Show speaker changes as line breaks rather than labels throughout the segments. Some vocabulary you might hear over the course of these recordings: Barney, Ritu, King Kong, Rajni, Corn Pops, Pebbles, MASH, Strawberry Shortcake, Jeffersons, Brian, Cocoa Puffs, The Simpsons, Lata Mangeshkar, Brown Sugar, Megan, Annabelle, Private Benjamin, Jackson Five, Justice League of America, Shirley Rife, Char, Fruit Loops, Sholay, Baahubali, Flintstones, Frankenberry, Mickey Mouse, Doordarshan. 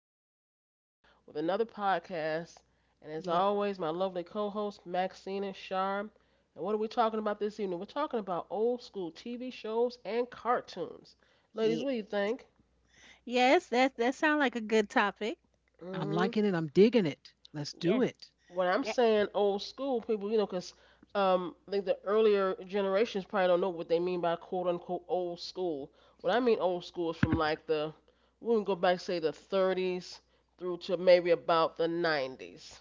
back again with another podcast. And as
Yes.
always, my lovely co host Maxine and Char. And what are we talking about this evening? We're talking about old school TV shows and cartoons. Ladies,
Yeah.
what do you think?
Yes, that sounds like a good topic.
I'm
Mm-hmm.
liking it. I'm digging it. Let's do
Yes.
it.
When I'm
That.
saying old school people, 'cause I think the earlier generations probably don't know what they mean by quote unquote old school. What I mean old school is from like the, we can go back, say, the 30s through to maybe about the 90s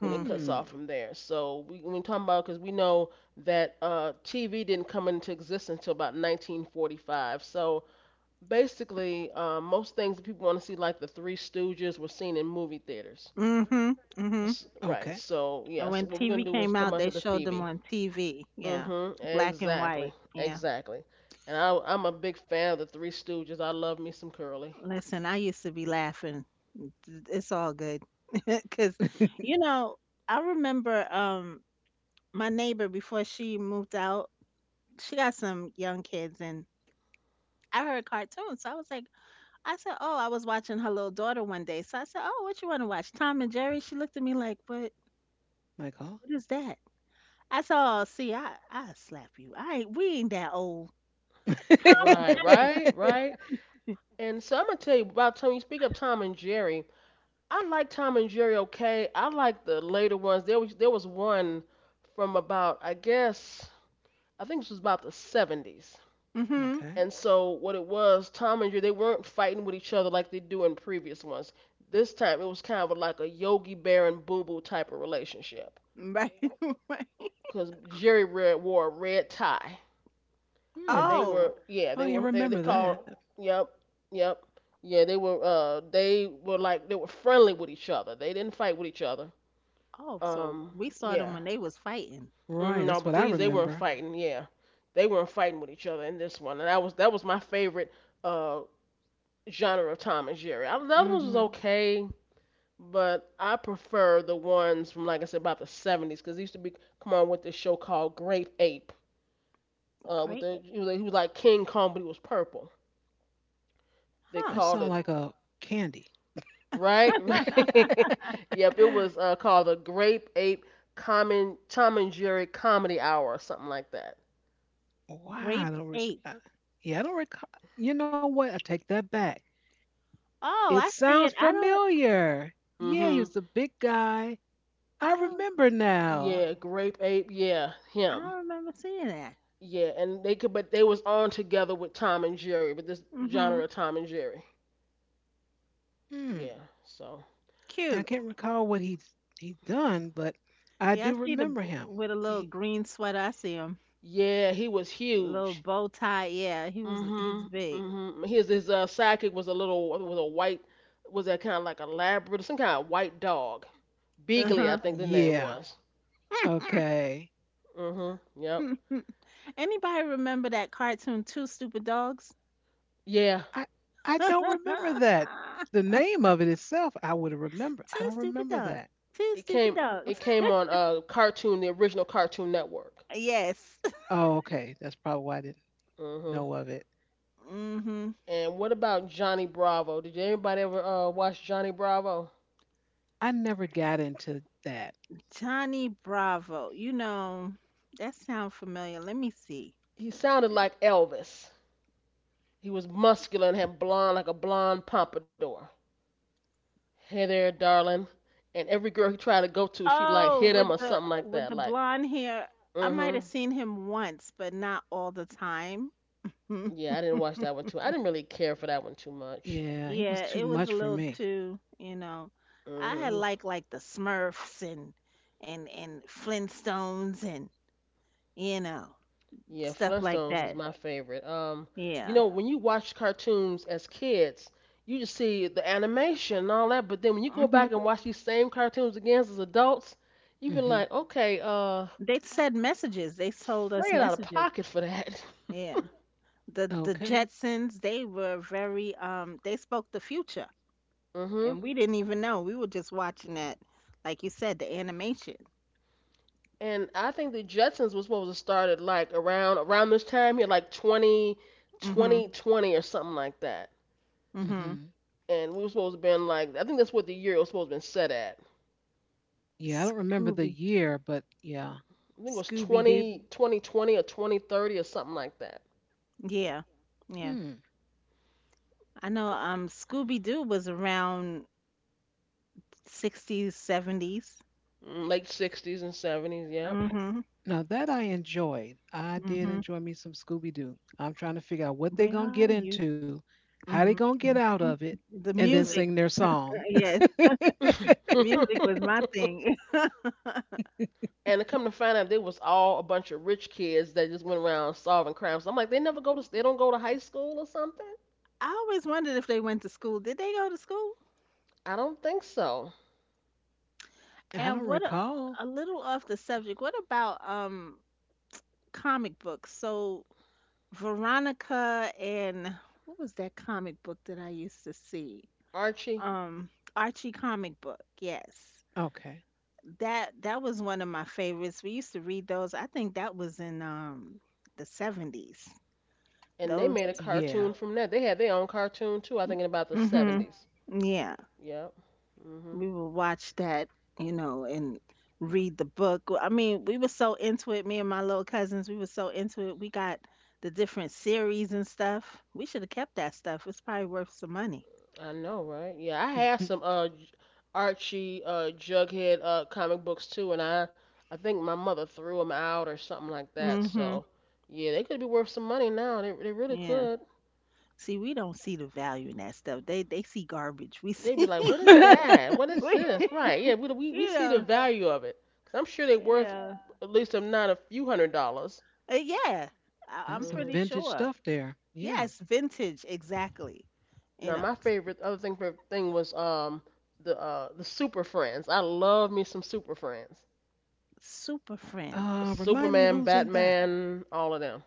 when it cuts
Hmm.
off from there. So we talking about, because we know that TV didn't come into existence until about 1945. So basically, most things that people want to see, like the Three Stooges, were seen in movie theaters.
Mhm. Mhm.
Right.
Okay.
So yeah.
And
So
when
what we're gonna
TV
do is
came
talk
out,
about
they
to the
showed them
Phoebe.
on TV. Yeah,
Mm-hmm.
black and
Exactly.
white. Yeah.
Exactly. And I'm a big fan of the Three Stooges. I love me some Curly.
Listen, I used to be laughing. It's all good, 'cause you know I remember my neighbor before she moved out, she got some young kids, and I heard cartoons, so I was like, I said, "Oh, I was watching her little daughter one day." So I said, "Oh, what you want to watch? Tom and Jerry?" She looked at me like, "What?
My call.
What is that?" I said, "Oh, see, I slap you. I ain't we ain't that old." Tom and
Right.
Okay.
Jerry.
Right. Right. And so I'm gonna tell you about Tom. You speak of Tom and Jerry. I like Tom and Jerry. Okay. I like the later ones. There was one from about, I guess, I think this was about the 70s.
Mm-hmm.
And so what it was, Tom and Jerry, they weren't fighting with each other like they do in previous ones. This time it was kind of like a Yogi Bear and Boo Boo type of relationship,
Right. Right.
because Jerry wore a red tie,
Hmm.
and they
I,
Oh.
were, yeah,
I
they
don't even
were, they
remember
called.
that.
Yep, yep, yeah, they were, they were, like, they were friendly with each other. They didn't fight with each other.
Oh. So
Um
we saw them
yeah.
when they was fighting.
Right.
No,
That's
but
what I
these they weren't
remember.
fighting. Yeah, they weren't fighting with each other in this one, and that was my favorite uh genre of Tom and Jerry. I, the other ones was
Mm-hmm.
okay, but I prefer the ones from like I said about the 70s because they used to be come on with this show called Great Ape. With
Great.
the He was like King Kong, but he was purple. They
That
Huh.
sounds
called
like
it.
a candy.
Right, right. Yep, it was, called the Grape Ape Common Tom and Jerry Comedy Hour or something like that.
Wow. I
Grape
don't. Rec-
ape.
I, yeah. I don't recall. You know what? I take that back. It
Oh, I see
sounds
it. I don't.
familiar. Yeah. He
Mhm.
was a big guy. I
I don't.
remember now.
Yeah, Grape Ape. Yeah,
I
him.
don't remember seeing that.
Yeah, and they could, but they was on together with Tom and Jerry, but this genre
Mm-hmm.
of Tom and Jerry.
Hmm.
Yeah. So
I
Cute.
can't recall what he's done, but I
Yeah, I
do
see the
remember him.
with a little
he,
green sweater. I see
yeah, he was
little
huge.
bow tie, yeah, he's
Mhm.
big.
Mhm. His sidekick was a little, was a white, was that kind of like a Labrador, some kind of white dog.
Uh
Beagley, I
huh.
think the name
Yeah.
was.
Okay.
Mhm. Yep.
Anybody remember that cartoon Two Stupid Dogs?
Yeah.
I I don't
Two
remember that. The name of it itself, I would have remembered. I don't
stupid
remember
dogs.
that.
Two
It
stupid
came
dogs.
it came on, cartoon, the original Cartoon Network.
Yes.
Oh, okay. That's probably why I didn't
Mhm.
know of it.
Mhm.
And what about Johnny Bravo? Did anybody ever watch Johnny Bravo?
I never got into that.
Johnny Bravo. You know, that sounds familiar. Let me see.
He sounded like Elvis. He was muscular and had blonde, like a blonde pompadour. Hey there, darling. And every girl he tried to go to, she like
Oh,
hit him
with
or
the
something like
with
that.
the
Like,
blonde hair. I
mm,
might
mhm.
have seen him once, but not all the time.
Yeah, I didn't watch that one too. I didn't really care for that one too much.
Yeah, he was
Yeah,
too
it
much
was a
for
little
me.
too,
Mm,
I had
mhm.
liked like the Smurfs and and Flintstones and you know
Yeah,
stuff like
Flintstones was
that.
my favorite.
Yeah.
When you watch cartoons as kids, you just see the animation and all that, but then when you go
Hmm.
back and watch these same cartoons again as adults, you've been
Hmm.
like, okay,
They said messages. They told us
Fred out of
messages.
pocket for that.
Yeah. The
Okay.
Jetsons, they were very they spoke the future
Mhm.
and we didn't even know. We were just watching that, like you said, the animation.
And I think the Jetsons was supposed to start at like around this time here, like 20,
Mhm.
twenty, 20 or something like that.
Mhm.
Hmm.
And we were supposed to been like, I think that's what the year it was supposed to been set at.
Yeah, I don't remember the
Scooby
year, but yeah.
I think it was
Scooby Doo.
20, 2020 or 2030 or something like that.
Yeah. Yeah.
Hmm.
I know Scooby Doo was around 60s, 70s.
Mm. Late 60s and seventies. Yep.
Mm-hmm.
Now that I enjoyed, I did
Mm-hmm.
enjoy me some Scooby Doo. I'm trying to figure out what they're
Where
gonna
are
get
you?
into, how they
Mm-hmm.
gonna get out
Mm-hmm.
of it,
The
and then
Mhm.
music,
sing their song.
yes, the music was my thing.
And to come to find out, they was all a bunch of rich kids that just went around solving crimes. I'm like, they don't go to high school or something.
I always wondered if they went to school. Did they go to school?
I don't think so.
I
And
don't
what
recall.
a little off the subject. What about comic books? So Veronica and what was that comic book that I used to see?
Archie.
Um Archie comic book. Yes.
Okay.
That was one of my favorites. We used to read those. I think that was in the 70s.
And they
Those.
made a cartoon
Yeah.
from that. They had their own cartoon too. I think in about the
Mhm.
seventies.
Yeah,
Yep. Mhm.
we would watch that, you know, and read the book. Well, I mean, we were so into it, me and my little cousins, we were so into it. We got the different series and stuff. We should have kept that stuff. It's probably worth some money.
I know, right? Yeah, I had some Archie, Jughead, comic books too, and I think my mother threw them out or something like that.
Hmm.
So yeah, they could be worth some money now. They really
Yeah.
could.
See, we don't see the value in that stuff. They see garbage. We
They'd be
see,
like, what is that?
That's
What is
we,
this? Right? Yeah, we
you
see the
know,
value of it. I am sure they're worth
yeah.
at least, if not, a few hundred dollars.
Yeah, I- I'm
some
pretty
hmm
vintage
sure.
stuff there. Yeah.
Yes, vintage, exactly. You
Now
know,
my favorite thing was the the Super Friends. I love me some Super Friends.
super friend.
Remind me
Superman,
who's in that.
Batman, all of them.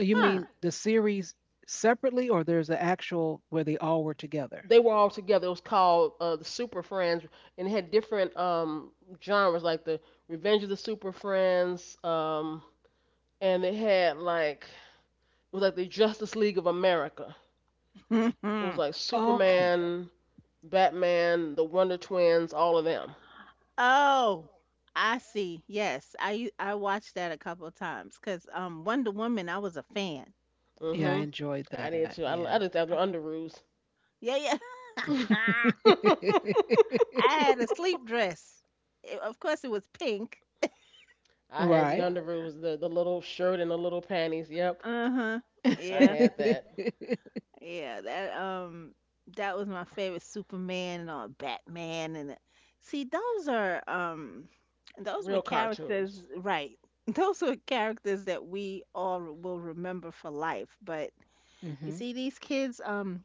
You
The,
Huh.
mean the series separately, or there's an actual where they all were together?
they were all together. It was called, the Super Friends, and it had different genres like the Revenge of the Super Friends, and it had like it was like the Justice League of America. It was like
Okay.
Superman, Batman, the Wonder Twins, all of them.
Oh, I see. Yes, I u- I watched that a couple of times because Wonder Woman, I was a fan.
Yeah, I
Mhm.
enjoyed
I
that.
did too.
Yeah.
I did that under Underoos.
Yeah, yeah.
I
I had a sleep dress. It- of course, it was pink.
had the,
Right.
yeah, Underoos, the little shirt and the little panties. Yep,
Uh huh.
I
Yeah.
had that.
Yeah, that that was my favorite Superman and all Batman and the- see those are
It's
those were
real
characters
cartoons.
right. Those were characters that we all re- will remember for life. But you
Hmm.
see these kids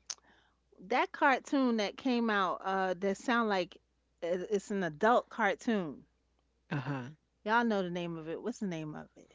that cartoon that came out that sound like it- it's an adult cartoon.
Uh huh.
Y'all know the name of it. What's the name of it?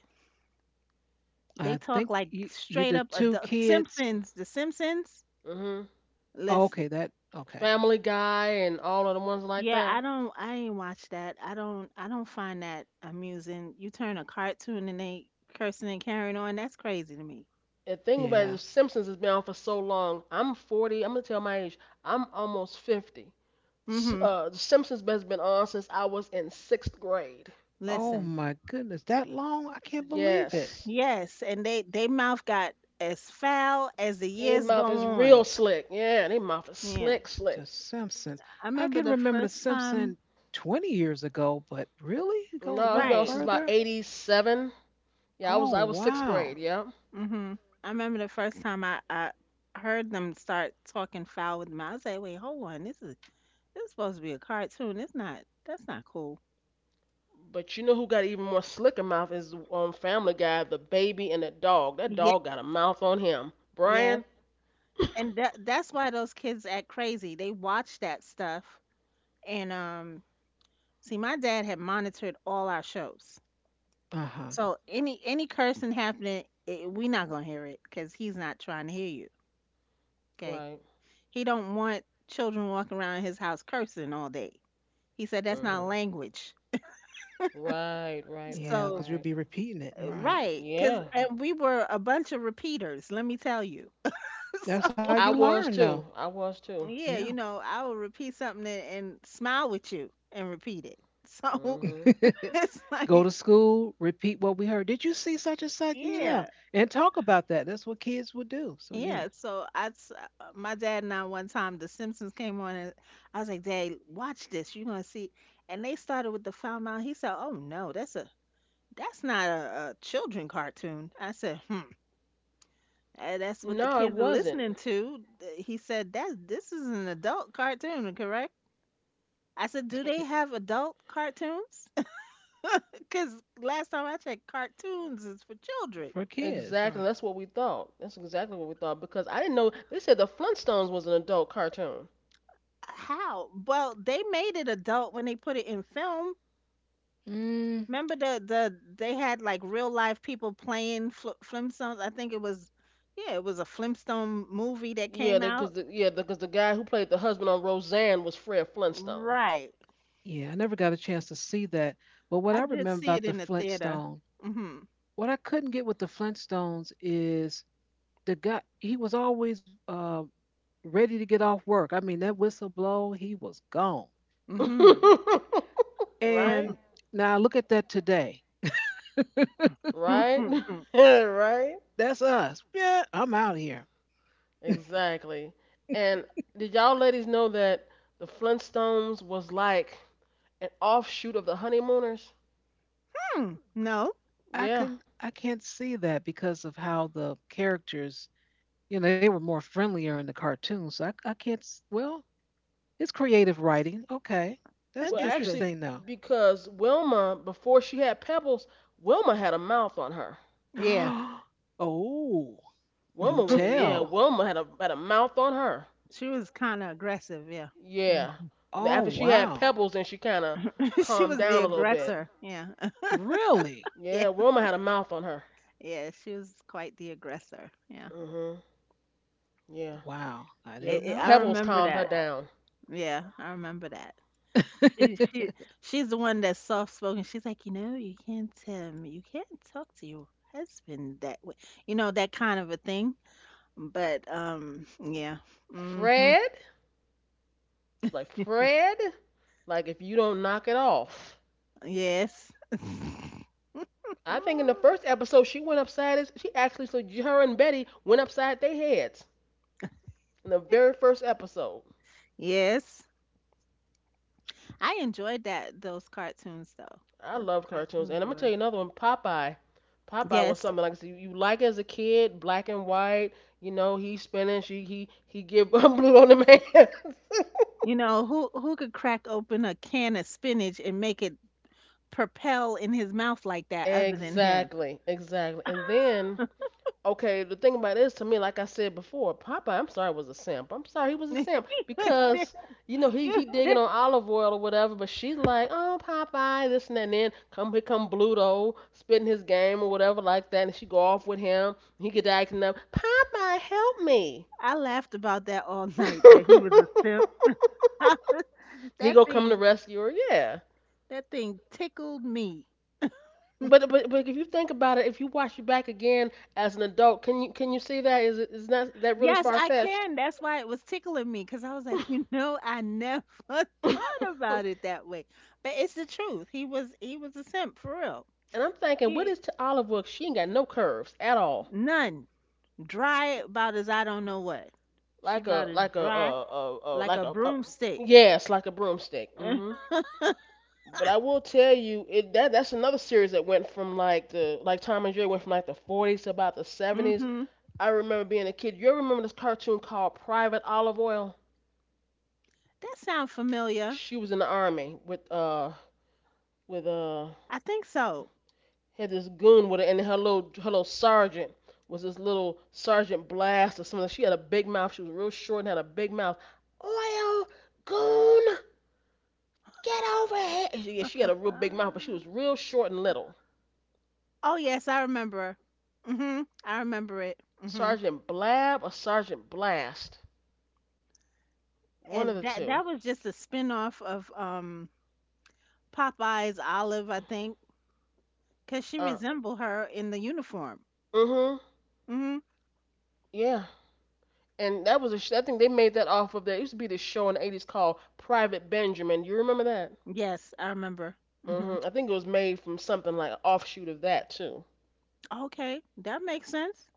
They
I
talk
think
like
you
straight
the
up
two
adult
kids.
Simpsons, The Simpsons.
Mhm.
Oh, okay,
Listen.
that okay.
Family Guy and all of the ones like
Yeah,
that.
I ain't watch that. I don't find that amusing. You turn a cartoon and they cursing and carrying on, that's crazy to me.
The thing about
Yeah.
The Simpsons has been on for so long. I'm 40. I'm gonna tell my age. I'm almost 50.
Mhm.
The Simpsons has been on since I was in sixth grade.
Oh
Listen.
my goodness, that long! I can't believe it.
Yes.
Yes, and they mouth got as foul as the
They
years go
mouth is
on.
real slick. Yeah, they mouth is
Yeah.
slick,
The
slick.
Simpsons.
I
I
remember
can
the
remember the
first time
Simpsons 20 years ago, but really, it goes
No, it's
back
been on
Right.
since about
further.
87. Yeah, I
Oh
was I was sixth
wow.
grade. Yeah,
Mhm. I remember the first time I heard them start talking foul with them. I was like, wait, hold on, this is supposed to be a cartoon. It's not That's not cool.
but you know who got even more slicker mouth is Family Guy, the baby and the dog. That
Yeah.
dog got a mouth on him.
Yes.
Brian.
And that's why those kids act crazy. They watch that stuff. And see my dad had monitored all our shows.
Uh huh.
So any cursing happening, it, we not going to hear it cuz he's not trying to hear you. Okay?
Right.
He don't want children walking around his house cursing all day. He said that's not
Mhm.
language.
Right. Right. Right.
Yeah, because
So
you'll
Right.
be repeating it, right?
right, cuz
Yeah,
and we were a bunch of repeaters, let me tell you.
That's how
So
you
I
learn,
was
though.
too. I was too.
yeah,
Yeah.
you know, I will repeat something and smile with you and repeat it. So
Mhm.
it's
Go
like,
to school, repeat what we heard. Did you see such and such? Yeah.
yeah,
And talk about that. That's what kids would do. So, yeah,
yeah. So I, s- my dad and I one time The Simpsons came on, and I was like, Dad, watch this. You're gonna see. And they started with the foul mouth. He said, oh no, that's not a children cartoon. I said, hmm. That's what the
No, it
kids are
wasn't.
listening to. Th- He said that this is an adult cartoon, correct? I said, do
E-
they have adult cartoons? Because last time I checked, cartoons is for children.
for kids,
Exactly.
right.
That's what we thought. That's exactly what we thought because I didn't know. They said the Flintstones was an adult cartoon.
How? Well, they made it adult when they put it in film.
Mm.
Remember the they had like real life people playing Fl- Flintstones. I think it was, yeah, it was a Flintstone movie that
Yeah,
came
because
out.
because the guy who played the husband on Roseanne was Fred Flintstone.
Right.
Yeah, I never got a chance to see that. But what
I
I
did
remember
see
about
it
the
in the theater.
Flintstone,
Mhm.
what I couldn't get with the Flintstones is the guy, he was always ready to get off work. I mean, that whistle blow, he was gone.
Mhm.
Right?
And now look at that today.
Right?
Hmm.
Right?
That's us. Yeah, I'm out here.
Exactly. And did y'all ladies know that the Flintstones was like an offshoot of the Honeymooners?
No.
I
Yeah.
can I can't see that because of how the characters, you know, they were more friendlier in the cartoon. So I can't. Well, it's creative writing. Okay, that's
Well,
Interesting.
actually,
interesting though.
because Wilma, before she had Pebbles, Wilma had a mouth on her.
Yeah.
Oh, do
Wilma was, yeah,
tell.
Wilma had a mouth on her.
She was kind of aggressive. Yeah.
Yeah.
Mhm.
Oh
After she had
wow,
Pebbles, then she kind of
She
calmed
was the
down a little bit.
aggressor. Yeah.
really?
Yeah.
Yeah, Wilma had a mouth on her.
Yeah. She was quite the aggressor. Yeah.
Mhm. Yeah.
Wow, I didn't
Your
know.
I
Pebbles
remember
calmed her
that.
down.
Yeah, I remember that. She she she's the one that's soft spoken. She's like, you know, you can't talk to your husband that way. You know, that kind of a thing. But yeah. Hmm.
Fred? She's like, Fred? Like, if you don't knock it off.
Yes.
I think in the
Mm.
first episode, she went upside his, she actually, so her and Betty went upside their heads in the very first episode.
Yes. I enjoyed that those cartoons though.
I
Those
loved cartoons. And
cartoons
I'm going to tell
were.
you another one, Popeye. Popeye was
Yes.
something like, I, you like it as a kid, black and white. You know, he's spinning, he give blue on the man.
You know, who could crack open a can of spinach and make it propel in his mouth like that other than him?
Exactly, exactly. And then, okay, the thing about it is, to me, like I said before, Popeye, I'm sorry, was a simp. I'm sorry, he was a
He
simp
was ser-
because, he
You-
digging on olive oil or whatever, but she's like, oh Popeye, this and that, and then come here come Bluto spitting his game or whatever like that, and she go off with him. And he get to acting up, Popeye, help me.
I laughed about that all night that he was a simp.
He
that
go come to
thing
rescue her, yeah.
that thing tickled me.
But if you think about it, if you watch it back again as an adult, can you see that, is it, is that that really
Yes,
far
I
fetched?
can. That's why it was tickling me cuz I was like, you know, I never thought about it that way. But it's the truth. He was a simp for real.
And I'm thinking, what
He
is to Olive Wilkes? She ain't got no curves at all.
none dry about as I don't know what. She
Like
about
a
as
like a
dry
uh uh, uh
like
like
a
a, a
broomstick.
yes, like a broomstick. But I will tell you, it that that's another series that went from like the like Tom and Jerry went from like the 40s to about the 70s.
Mhm.
I remember being a kid. You remember this cartoon called Private Olive Oil?
That sound familiar.
She was in the army with
I think so.
had this goon with her, and her little sergeant was this little sergeant blast or something. She had a big mouth. She was real short and had a big mouth. Oil goon, get over here. And she, yeah, she had a real big mouth, but she
Ah.
was real short and little.
Oh yes, I remember. Mhm. I remember it. Mhm.
Sergeant Blab or Sergeant Blast, one of
And
the
that
two.
that was just a spin-off of Popeye's Olive, I think, 'cause she
Uh,
resembled her in the uniform.
mm-hmm,
Mhm.
yeah. And that was a I think they made that off of that. It used to be this show in the 80s called Private Benjamin. You remember that?
Yes, I remember. Mhm.
Mm-hmm. I think it was made from something like an offshoot of that too.
Okay, that makes sense.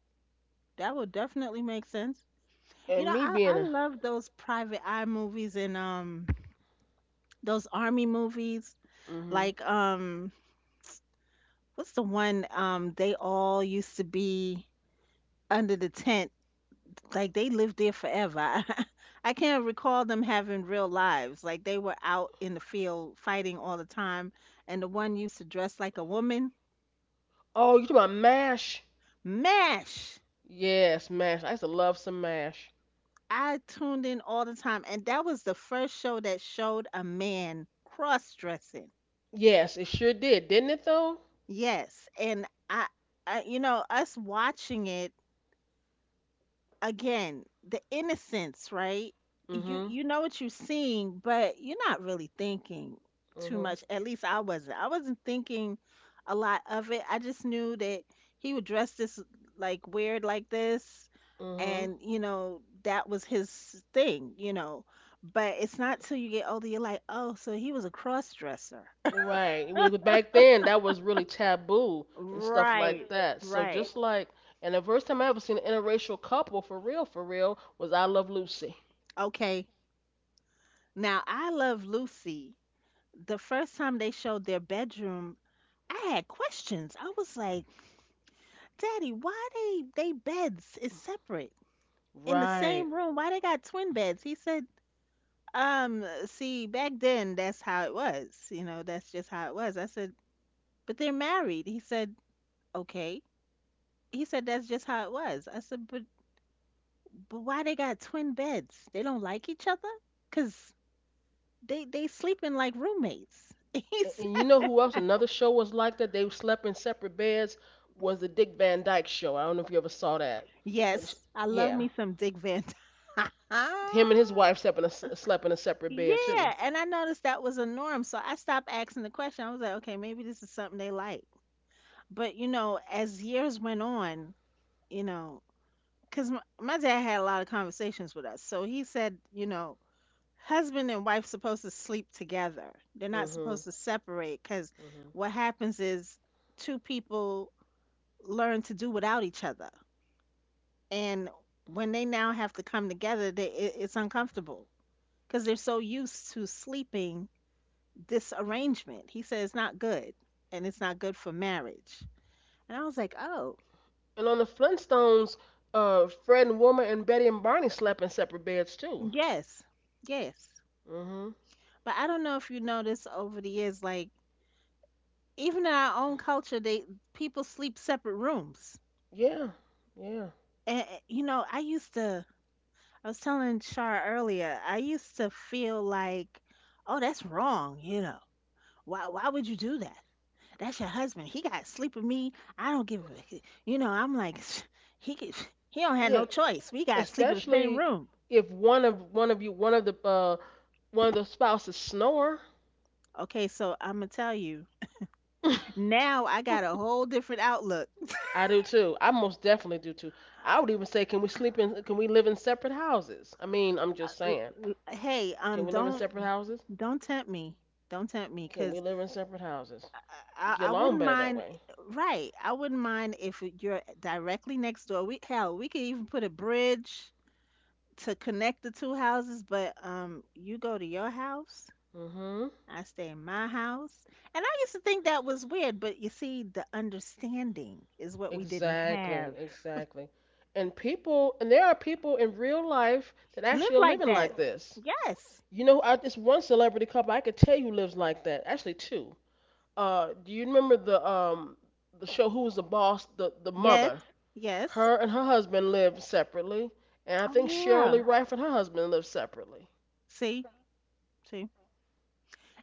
That would definitely make sense. You
And
know,
me
I
being a
love those private eye movies and those army movies
hmm.
like what's the one they all used to be under the tent. Like, they lived there forever. I can't recall them having real lives. Like, they were out in the field fighting all the time. And the one used to dress like a woman.
Oh, you talking about Mash?
MASH!
Yes, Mash. I used to love some Mash.
I tuned in all the time. And that was the first show that showed a man cross dressing.
Yes, it sure did, didn't it though?
Yes. And you know, us watching it again the innocence right you
Mhm.
you know what you're seeing but you're not really thinking too
Mhm.
much at least i wasn't thinking a lot of it I just knew that he would dress this like weird like this
Mhm.
and you know that was his thing you know but it's not till you get older you're like oh so he was a cross dresser
Right. Back then, that was really taboo and stuff like
right
that. So
right
just like, and the first time I ever seen an interracial couple for real, was I Love Lucy.
okay now I love lucy the first time they showed their bedroom. I had questions. I was like, Daddy, why they beds is separate in the
Right.
same room? Why they got twin beds? He said, see, back then that's how it was. You know, that's just how it was. I said, but they're married. He said, okay. He said that's just how it was. I said, but why they got twin beds? They don't like each other? Cause they sleeping like roommates. He
And you
said,
know who else? Another show was like that. They slept in separate beds. Was the Dick Van Dyke show? I don't know if you ever saw that. When she-
yes, I love
yeah.
me some Dick Van Dyke.
Him and his wife slept in a separate bed too.
Yeah, and I noticed that was a norm, so I stopped asking the question. I was like, okay, maybe this is something they like. But you know, as years went on, you know, because my dad had a lot of conversations with us, so he said, you know, husband and wife supposed to sleep together. They're not
Mhm.
supposed to separate because
Mhm.
what happens is two people learn to do without each other, and when they now have to come together, they, it's uncomfortable because they're so used to sleeping this arrangement. He said it's not good and it's not good for marriage. And I was like, oh,
And on the Flintstones, Fred and Wilma and Betty and Barney slept in separate beds too.
yes, yes.
Mhm.
But I don't know if you noticed over the years, like even in our own culture, they people sleep separate rooms.
Yeah. Yeah.
And eh, you know, I used to. I was telling Shar earlier. I used to feel like, oh, that's wrong. Why would you do that? That's your husband. He got to sleep with me. I don't give a, you know, I'm like, he could, he don't have
Yeah.
no choice. We got to sleep in the same
Especially
room.
if one of one of you one of the spouses snore.
Okay, so I'm gonna tell you now. I got a whole different outlook.
I do too. I most definitely do too. I would even say, can we sleep in? Can we live in separate houses? I mean, I'm just
Uh,
saying.
Hey,
Can we live in
don't
separate houses?
don't tempt me. Don't tempt me,
Can we
cause
live in separate houses?
I, I
Get
I
along
wouldn't
better that
mind.
way.
Right, I wouldn't mind if you're directly next door. We hell, we could even put a bridge to connect the two houses. But you go to your house,
Mm-hmm.
I stay in my house. And I used to think that was weird, but you see, the understanding is what we didn't
Exactly,
have.
exactly. And people, and there are people in real life that actually
Live
are
like
living
that.
like this.
Yes.
You know, I, this one celebrity couple I could tell you lives like that. Actually, two. Do you remember the show Who Was the Boss? The
Yes.
mother,
Yes.
her and her husband lived separately, and I
Oh,
think
yeah.
Shirley Rife and her husband lived separately.
See? See?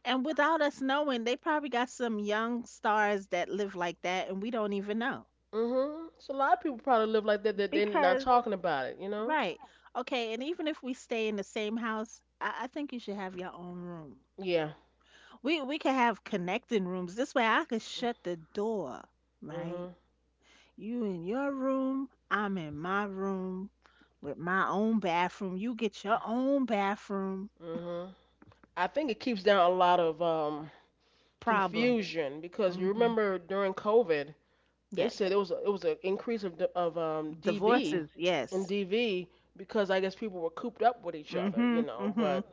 And without us knowing, they probably got some young stars that live like that, and we don't even know.
Hmm. So a lot of people probably live like that that they're not
Because,
talking about it. You know?
right. Okay. And even if we stay in the same house, I think you should have your own room.
Yeah.
We could have connecting rooms. This way I could shut the door,
Hmm.
right? You in your room, I'm in my room with my own bathroom. You get your own bathroom.
Hmm. I think it keeps down a lot of
Problem.
confusion because you
Hmm.
remember during COVID they
Yes.
said it was a, it was an increase of DV
Divorces.
and
Yes.
DV because I guess people were cooped up with each other, you
Hmm.
know.
Hmm.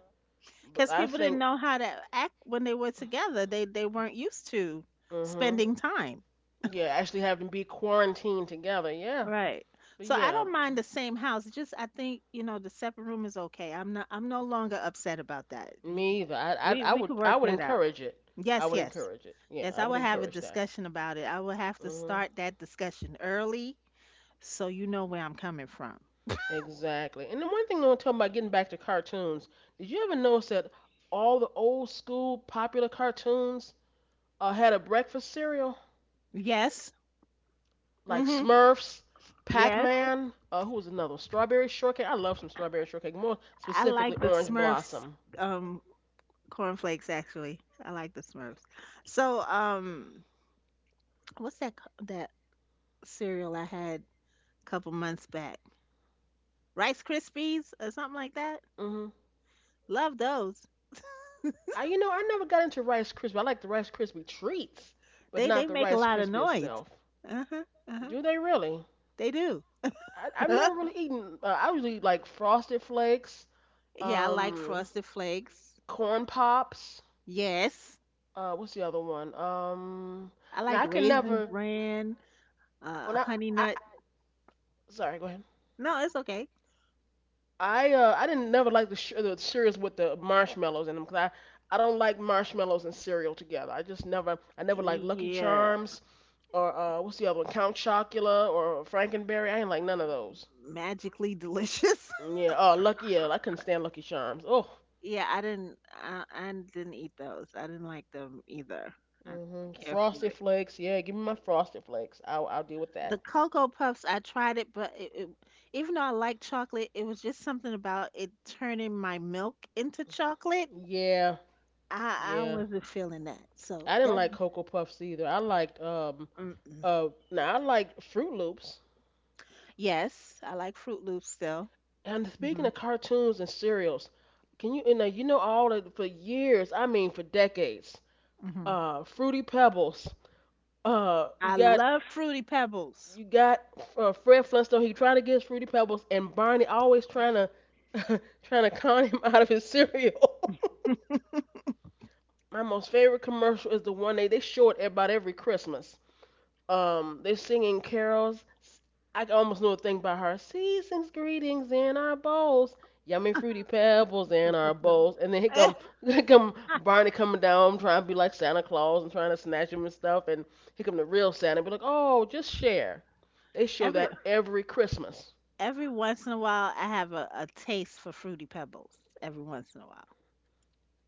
But
Because
I
people didn't
think,
know how to act when they were together. They weren't used to
hmm,
spending time.
yeah, actually having to be quarantined together, yeah.
Right.
But
So I
yeah,
don't mind the same house. It's just I think, you know, the separate room is okay. I'm no longer upset about that. You-
me either. I, I
We
I
we
would
could
I
work
would
that out.
encourage it. I
Yes,
would
yes.
encourage it. Yeah,
Yes,
I
I will
would
have a
encourage that.
discussion about it. I will have to
Hmm.
start that discussion early so you know where I'm coming from.
Exactly. And the one thing I want to talk about getting back to cartoons. Did you ever notice that all the old school popular cartoons a had a breakfast cereal
Yes. Mm.
like
Mhm.
Smurfs, Pac
Yes.
Man. Who was another? One? Strawberry shortcake. I love some strawberry shortcake. More
I
specifically,
like the
orange
Smurfs
blossom.
um cornflakes actually. I like the Smurfs. So, um what's that c- that cereal I had a couple months back? Rice Krispies or something like that?
Hmm.
Love those.
I, you know, I never got into Rice Krispie. I like the Rice Krispie treats, but
They
not the
make a
Rice
lot of
Krispie
noise.
itself.
Uh-huh. Uh-huh.
Do they really?
They do.
I, I've never really eaten. I usually eat like Frosted Flakes,
Yeah, I like
um,
Frosted Flakes.
corn pops.
Yes.
What's the other one?
I
Now
like
I could
Raisin
never.
Bran,
When I,
Honey
I,
Nut.
sorry, go ahead.
No, it's okay.
I didn't never like the, the cereals with the marshmallows in them 'cause I don't like marshmallows and cereal together. I never like Lucky
Yeah,
Charms or what's the other one Count Chocula or Frankenberry. I ain't like none of those.
magically delicious.
Mm, yeah, oh Lucky yeah I couldn't stand Lucky Charms. Oh,
Yeah, I didn't. I didn't eat those. I didn't like them either. I didn't
hmm.
really care for
Frosted
it.
Flakes. Yeah, give me my Frosted Flakes. I'll deal with that.
The Cocoa Puffs, I tried it, even though I like chocolate, it was just something about it turning my milk into chocolate.
Yeah,
I
yeah.
wasn't feeling that. So
I didn't
that,
like Cocoa Puffs either. I liked
mm-mm.
now I liked Fruit Loops.
Yes, I like Fruit Loops still.
And speaking
Hmm.
of cartoons and cereals, can you, you know all that for years, I mean for decades,
Hmm.
Fruity Pebbles, uh, you
I
got,
love Fruity Pebbles.
you got Fred Flintstone, he trying to get Fruity Pebbles, and Barney always trying to, trying to con him out of his cereal. My most favorite commercial is the one they show it about every Christmas. They're singing carols. I almost know a thing by her. Season's greetings in our bowls, yummy fruity pebbles in our bowls. And then here
Eh,
come, here come Barney coming down trying to be like Santa Claus and trying to snatch him and stuff. And here come the real Santa, be like, oh, just share. They show
Every
that every Christmas.
every once in a while, I have a taste for Fruity Pebbles. Every once in a while.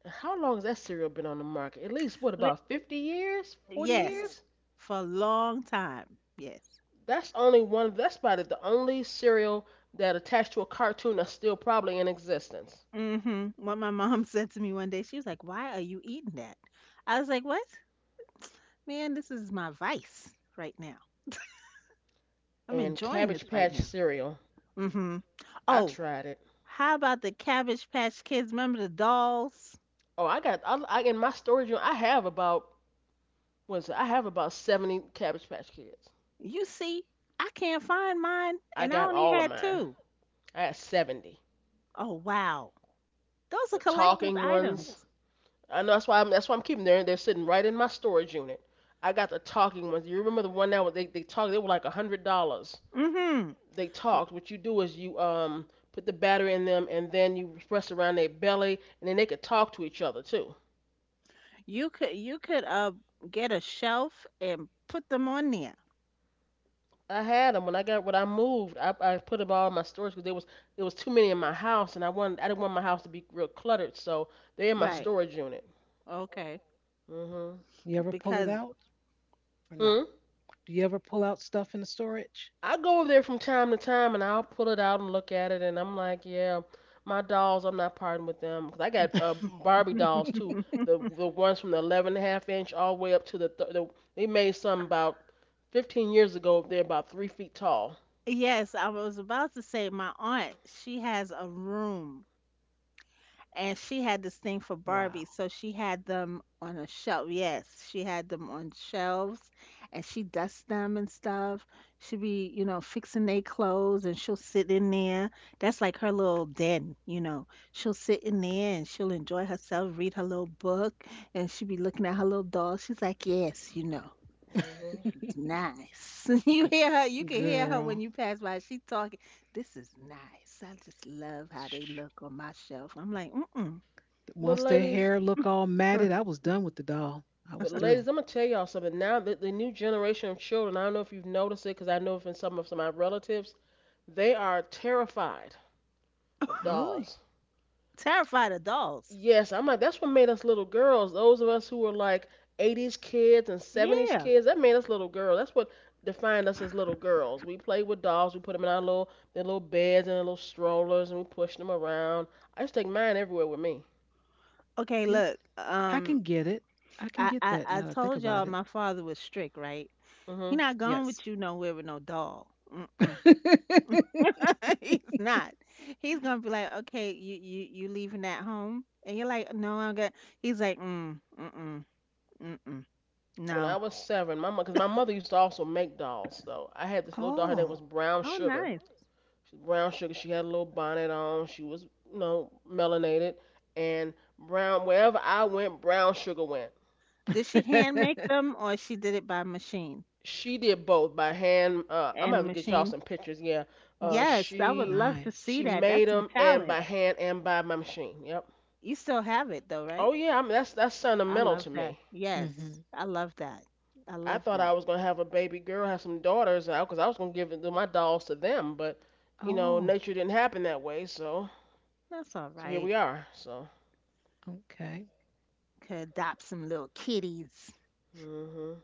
And how long has that cereal been on the market? At least what
Li-
about 50 years, 40
Yes,
years?
for a long time. Yes.
That's only one. That's probably the only cereal that attached to a cartoon that's still probably in existence.
Hmm. What my mom said to me one day, she was like, "Why are you eating that?" I was like, "What? Man, this is my vice right now. I'm
And
enjoying
Cabbage
this right
Patch
now."
cereal.
Hmm.
I
Oh,
tried it.
how about the Cabbage Patch Kids? Remember the dolls?
Oh, I in my storage unit. I have about what's it? I have about 70 Cabbage Patch Kids.
You see, I can't find mine,
I
and I
got
only
all of
had
mine.
two.
I had 70.
Oh, wow. Those
The
are collector's
talking ones.
items.
I know that's why I'm keeping them. They're sitting right in my storage unit. I got the talking ones. You remember the one that was they talked. They were like $100.
Mhm.
They
Y
talked. What you do is you put the battery in them and then you press around their belly and then they could talk to each other too.
you could get a shelf and put them on there.
I had them when I got when I moved. I put them all in my storage because there was it was too many in my house, and I didn't want my house to be real cluttered, so they're in my
Mhm.
Right.
storage unit.
Okay.
Mhm.
You ever pull it
Because
out or no?
Hmm.
Do you ever pull out stuff in the storage?
I go over there from time to time, and I'll pull it out and look at it, and I'm like, yeah, my dolls, I'm not parting with them 'cause I got Barbie dolls too. The ones from the 11 and a half inch all the way up to the, they made some about 15 years ago. They're about 3 feet tall.
Yes, I was about to say my aunt, she has a room and she had this thing for
Wow.
Barbie, so she had them on a shelf. Yes, she had them on shelves, and she dusts them and stuff. She be, you know, fixing their clothes, and she'll sit in there. That's like her little den, you know. She'll sit in there and she'll enjoy herself, read her little book, and she be looking at her little doll. She's like, yes, you know. This
Mhm.
is
G-
nice. You hear her, you can hear her when
girl.
you pass by. She talking, this is nice. I just love how they look on my shelf. I'm like, mm mm.
But
Once their
ladies,
hair looked all matted, I was done with the doll. I
but
was
ladies,
through.
I'm gonna tell y'all something. Now that the new generation of children, I don't know if you've noticed it, because I know from some of my relatives, they are terrified of
Really?
dolls.
Terrified of dogs.
Yes, I'm like that's what made us little girls. Those of us who were like 80s kids and 70s
Yeah.
kids, that made us little girls. That's what defined us as little girls. We played with dolls. We put them in our little their little beds and their little strollers, and we pushed them around. I used to take mine everywhere with me.
Okay,
You,
look.
I
Um,
can get it. I can
I,
get
I
that
I
now that I think
told
about
y'all
it.
my father was strict, right? He
Hmm.
not going
Yes.
with you nowhere with no dog. Mm-mm. He's not. He's gonna be like, okay, you leaving that home, and you're like, no, I'm gonna. He's like, mm mm mm mm mm.
When I
No.
was 7, my mom because my mother used to also make dolls. Though. I had this little doll. Her name
Oh.
was Brown
Oh,
Sugar
nice.
brown sugar. She had a little bonnet on. She was, you know, melanated. And brown, wherever I went, brown sugar went.
Did she hand make them or she did it by machine?
She did both by hand. I'm gonna have
And
to get y'all
machine?
some pictures. Yeah, uh,
Yes, I would
she
love to
Nice.
see
she
that.
made
That's some
them and
talent.
by hand and by my machine. Yep.
You still have it though, right?
Oh yeah, I mean that's
I
sentimental
love
to
that.
me.
Yes,
Hmm.
I love that. I
I
love
thought I
that.
was gonna have a baby girl, have some daughters, out because I was gonna give it- my dolls to them, but you know,
Oh.
nature didn't happen that way. So
That's all
so here
right.
we are. So.
Okay.
Could adopt some little kitties.
Hmm.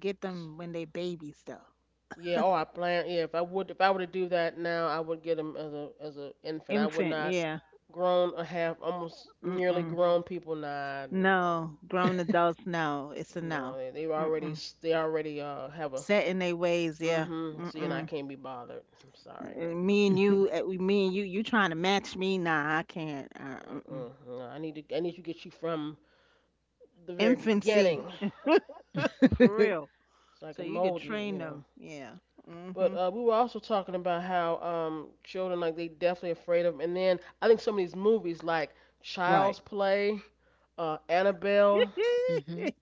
Get them when they babies though.
Yeah, oh, I plan. Yeah, if I would, if I were to do that now, I would get him as a infant. I would
Infant,
not
yeah.
grown or have almost nearly
Mm-mm.
grown people. Nah, no,
No, grown adults, no. It's a
no,
no.
they already
Mm-mm.
they already have a
Set in their ways, yeah.
mm-hmm. See, and I
Mm-mm.
can't be bothered. I'm sorry, but
And Me and you, me and you trying to match me? Nah, I can't. Mm-mm.
uh-uh, no, I need to get you from the very
Infancy,
beginning
for real.
so I
So
can
you could
mold you.
train
You know.
them, yeah. Mm-hmm.
But we were also talking about how children like they definitely afraid of, and then I think some of these movies like
Right.
Child's Play, Annabelle.
Hmm.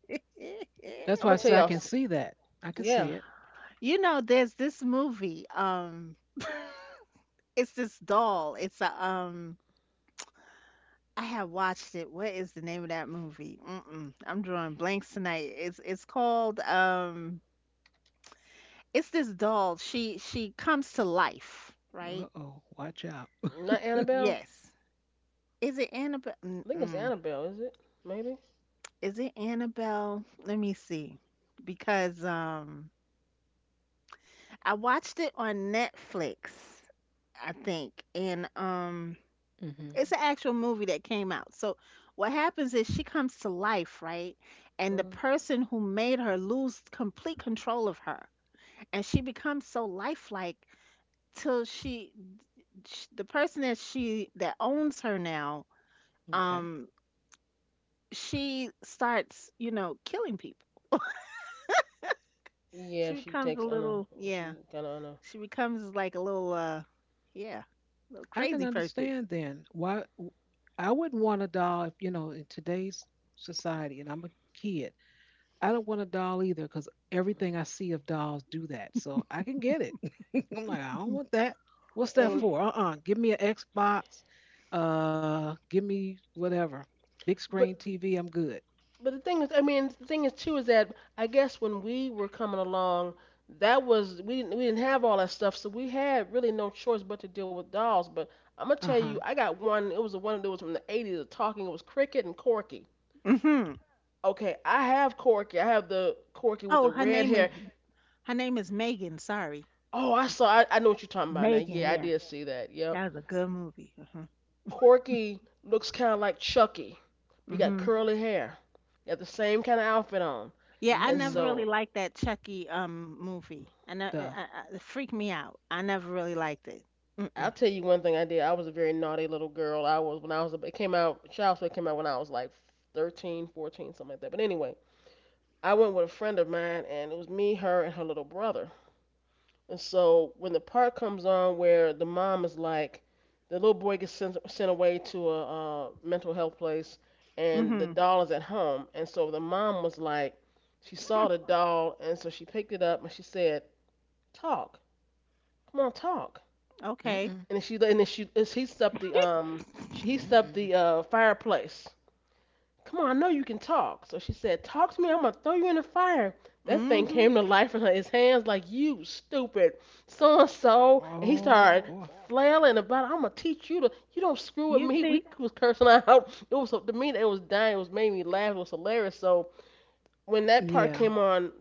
That's
I'm
why
gonna
I
tell
say I
y'all.
can see that. I can see
Yeah,
it.
You know, there's this movie. It's this doll. It's a. I have watched it. What is the name of that movie? Mm-mm, I'm drawing blanks tonight. It's called it's this doll. She comes to life,
Uh
right?
oh. Watch out.
not
Y-
Annabelle.
Yes. Is it Annabelle?
I think it's
Mm-mm.
Annabelle, is it? Maybe.
Is it Annabelle? Let me see. Because I watched it on Netflix, I think, and.
Hmm.
It's an actual movie that came out. So what happens is she comes to life, right? And the
Hmm.
person who made her lose complete control of her, and she becomes so lifelike till she, sh the person that she that owns her now,
Okay.
um, she starts, you know, killing people.
Yeah,
She
she
becomes a
takes on a.
little,
She
yeah,
kind of on a.
she becomes like a yeah, little
I
crazy
can
person.
understand then why I wouldn't want a doll if, in today's society, and I'm a kid. I don't want a doll either because everything I see of dolls do that. So I can get it. I'm like, I don't want that. What's that
And
for? Uh-uh. Give me an Xbox. Give me whatever. Big screen
but
TV. I'm good.
but the thing is, I mean, the thing is too is that I guess when we were coming along, that was we didn't have all that stuff, so we had really no choice but to deal with dolls. But I'm gonna tell you,
Uh-huh.
I got one. It was the one that was from the 80s. Of Talking. It was Cricket and Corky.
Hmm.
Okay, I have Corky. I have the Corky with the
Oh, her
red
name is
hair.
her name is Megan. Sorry.
Oh, I saw. I know what you're talking about now.
Megan,
Yeah, I
yeah,
did see that. Yep.
that was a good movie. Mhm.
Corky looks kind of like Chucky. He got
Mhm.
curly hair. He got the same kind of outfit on.
Yeah, I
And
never
Mm-mm.
really
so,
liked that Chucky movie. I, ne-
Stuff.
I- it freaked me out. I never really liked it. Mm-mm.
I'll tell you one thing I did. I was a very naughty little girl. I was when I was. It came out. Child's Play came out when I was like 13, 14, something like that. But anyway, I went with a friend of mine, and it was me, her, and her little brother. And so when the part comes on where the mom is like, the little boy gets sent away to a mental health place, and the
Mhm.
doll is at home, and so the mom was like, she saw the doll, and so she picked it up and she said, "Talk, come on, talk."
Okay.
Mm-mm.
And then she he stepped the She heats up
Mm-mm.
the fireplace. Come on, I know you can talk. So she said, "Talk to me. I'm gonna throw you in the fire." That thing
Mhm.
came to life in his hands like, you stupid so and so, and he
Oh
started
boy.
flailing about. I'm gonna teach you to. You don't screw with
You
me. We
see?
was cursing out. It was, to me, it was dying. It was made me laugh. It was hilarious. So when that part
Yeah.
came on,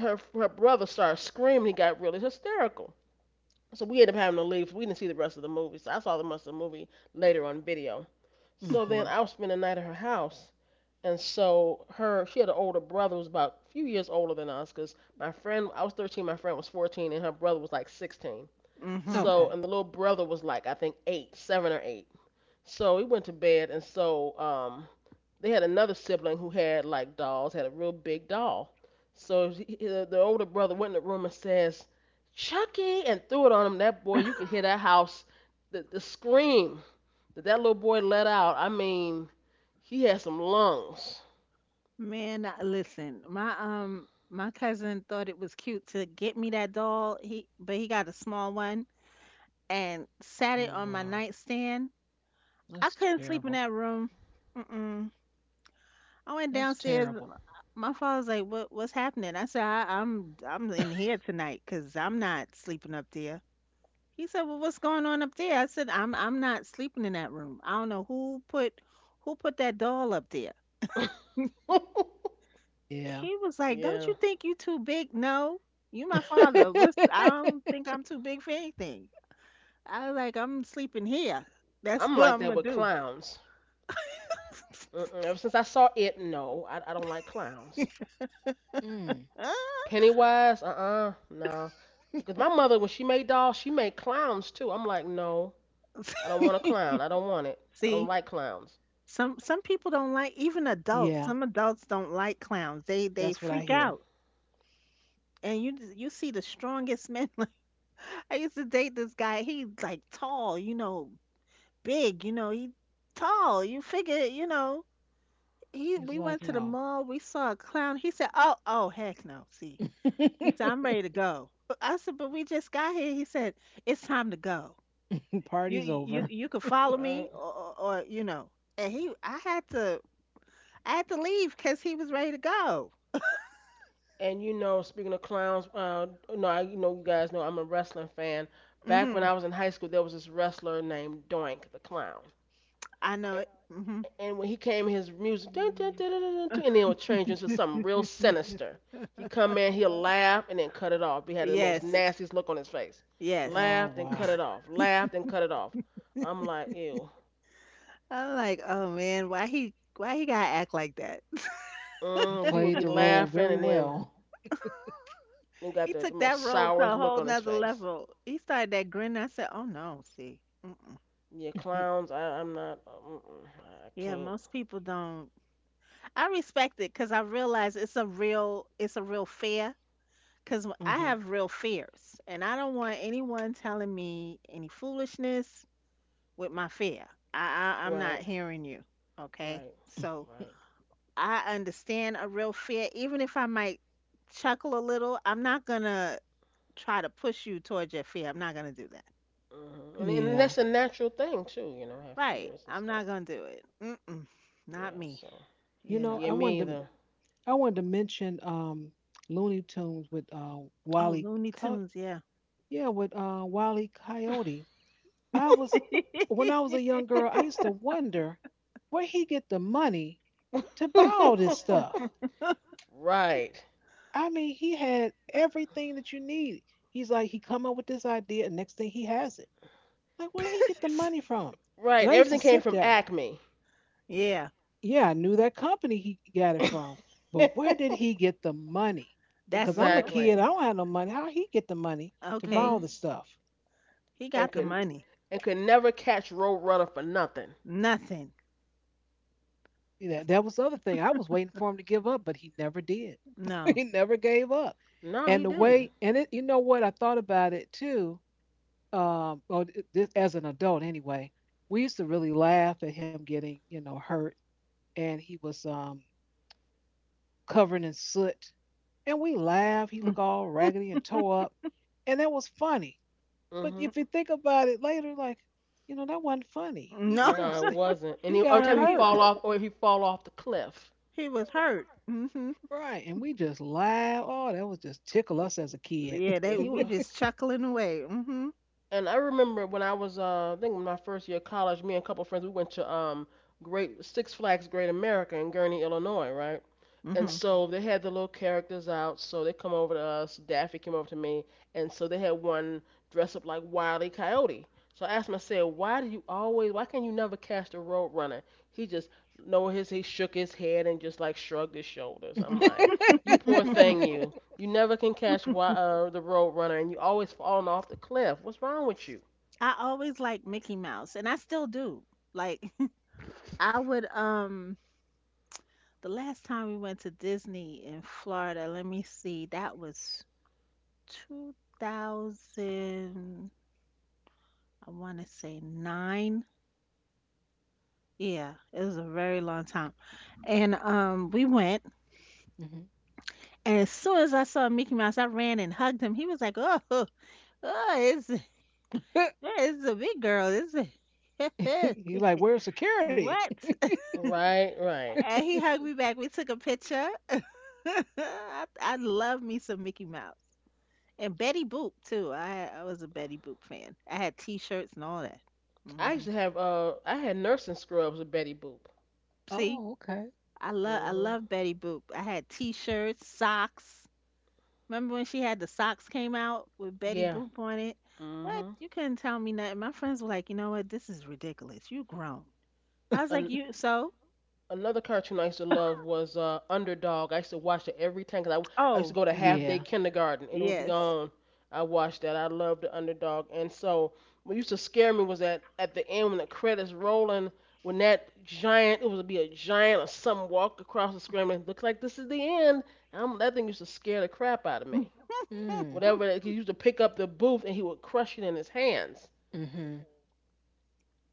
her brother started screaming. He got really hysterical. So we ended up having to leave. We didn't see the rest of the movie. So I saw the rest of the movie later on video. So
Mm-hmm.
then I was spending the night at her house. And so her, she had an older brother who was about a few years older than us. Cause my friend, I was 13, my friend was 14, and her brother was like 16.
Mhm.
So,
Okay.
and the little brother was like, I think 8, 7 or 8. So we went to bed, and so they had another sibling who had like dolls, had a real big doll. So the older brother went in the room and says, "Chucky," and threw it on him. That boy, you could hear that house, the scream that that little boy let out. I mean, he had some lungs.
Listen, my my cousin thought it was cute to get me that doll. He got a small one and sat it
Oh
on my
wow.
nightstand. I
That's
couldn't sleep in
terrible.
that room. Mm mm. I went
That's
downstairs.
terrible.
My father's like, "What? What's happening?" I said, "I'm in here tonight because I'm not sleeping up there." He said, "Well, what's going on up there?" I said, "I'm not sleeping in that room. I don't know who put that doll up there."
Yeah.
He was like, "Don't
Yeah,
you think you too big?" No, you my father. What's? I don't think I'm too big for anything. I was like, "I'm sleeping here. That's
I'm
what
like
I'm
that
gonna
with
do."
clowns. Mm-mm. Ever since I saw it, no, I don't like clowns.
Mm,
Ah.
Pennywise, no. Because my mother, when she made dolls, she made clowns too. I'm like, no, I don't want a clown. I don't want it. I don't
See.
like clowns.
Some people don't like even adults.
yeah,
Some adults don't like clowns. They
that's what I
freak
hear.
out. And you see the strongest men. Like I used to date this guy. He's like tall, you know, big, you know, he tall. You figure, you know, he
He's
we went
like,
to the
no.
mall. We saw a clown. He said, "Oh, oh, heck no." See. He said, "I'm ready to go." I said, "But we just got here." He said, "It's time to go. You
Party's
you
over.
you could follow me
Right?
or, you know." And he I had to leave cuz he was ready to go.
And you know, speaking of clowns, no, you know, you guys know I'm a wrestling fan. Back when
Mhm.
I was in high school, there was this wrestler named Doink the Clown.
I know
I
it.
know.
Mhm.
And when he came, his music, dun, dun,
Mm.
dun, dun, dun, dun, and then it would change into something real sinister. He come in, he'll laugh, and then cut it off. He had the most
Yes.
nastiest look on his face.
Yes.
Oh,
Laughed and cut it
wow.
off. Laughed and cut it off. I'm like, ew.
I'm like, oh man, why he gotta act like that?
He
Mm, 'cause he would
played
be
the role
laughing,
very
and then
well.
he got
He
the
took
most
that role
sourest
to a
look
whole
on his
nother
face.
level. He started that grin. I said, oh no, see. Mm-mm.
Yeah, clowns. I'm not. Mm-mm, I
Yeah,
can't.
most people don't. I respect it because I realize it's a real fear. Because I
Uh-huh.
have real fears, and I don't want anyone telling me any foolishness with my fear. I'm not
Right,
hearing you. Okay,
right,
so
right.
I understand a real fear. Even if I might chuckle a little, I'm not gonna try to push you towards your fear. I'm not gonna do that.
Hmm. And that's
Yeah.
a natural thing too. You know, have
Right.
fears and
I'm
stuff.
not gonna do it. Mm-mm. Not
Yeah.
me.
So
You
You
know,
know.
I
yeah, me
wanted to
either.
mention Looney Tunes with
Oh,
Wally
Looney
Co-
Tunes, yeah.
Wally Coyote. I was when I was a young girl, I used to wonder where he get the money to buy all this stuff.
Right.
I mean, he had everything that you need. He's like, he come up with this idea, and next thing he has it. Like, where he get the money from?
Right. And
And I used
everything
to
came
sit
from
there.
Acme.
Yeah.
Yeah, I knew that company he got it from, but where did he get the money?
That's
Cause
the
I'm a kid, I
Exactly.
don't have no money. How he get the money to buy
okay.
all
Hmm.
the stuff?
He
And
got the
could
money.
and could never catch Roadrunner for nothing.
Nothing.
That was the other thing. I was waiting for him to give up, but he never did.
No.
He never gave up.
No, he
And the
didn't.
way, and it, you know what? I thought about it too. Well, this, as an adult anyway, we used to really laugh at him getting, hurt, and he was covered in soot, and we laughed. He
Mm.
looked all raggedy and tore up, and that was funny. But
Hmm.
if you think about it later, like, that wasn't funny. He
No.
hurt him.
No, it wasn't. And
He
he, every
got
time
No,
he
hurt,
fall off or he fall off the cliff.
he was hurt. Hmm.
right? And we just laugh. Oh, that was just tickle us as a kid.
Yeah,
Yeah,
they
he
we
would.
just chuckling away. Hmm.
And I remember when I was, I think my first year of college, me and a couple of friends, we went to Great Six Flags Great America in Gurnee, Illinois, right? And
Hmm.
so they had the little characters out. So they come over to us. Daffy came over to me, and so they had one dressed up like Wile E. Coyote. So I asked him, I said, "Why do you always? Why can you never catch the roadrunner?" He just no his he shook his head and just like shrugged his shoulders. I'm like, "You poor thing, you. You never can catch the roadrunner, and you always falling off the cliff. What's wrong with you?"
I always liked Mickey Mouse, and I still do. Like, I would, the last time we went to Disney in Florida, let me see, that was 2000, I want to say nine. Yeah, it was a very long time. And we went,
Hmm.
and as soon as I saw Mickey Mouse, I ran and hugged him. He was like, "Oh, oh, it's a big girl. It's a
He's like, "Where's security?"
what?"
Right, right.
And he hugged me back. We took a picture. I love me some Mickey Mouse and Betty Boop too. I had, I was a Betty Boop fan. I had T-shirts and all that.
I
Hmm.
used to have I had nursing scrubs with Betty Boop.
Oh,
See,
okay.
Mm.
I love
Mhm.
Betty Boop. I had T-shirts, socks. Remember when she had the socks came out with Betty
Yeah.
Boop on it?
Mm.
What,
Mhm.
you couldn't tell me nothing. My friends were like, you know what, this is ridiculous. You grown. I was like,
An-
you so?
Another cartoon I used to love was Underdog. I used to watch it every time 'cause I used to
Oh
go to half day
Yeah.
kindergarten and it would be
yes.
on. I watched that. I loved the Underdog. And so what used to scare me was that at the end when the credits rolling, when that giant, it would be a giant or something walk across the screen and looks like this is the end. That thing used to scare the crap out of me.
Mm.
Whatever, he used to pick up the booth and he would crush it in his hands.
Mm-hmm.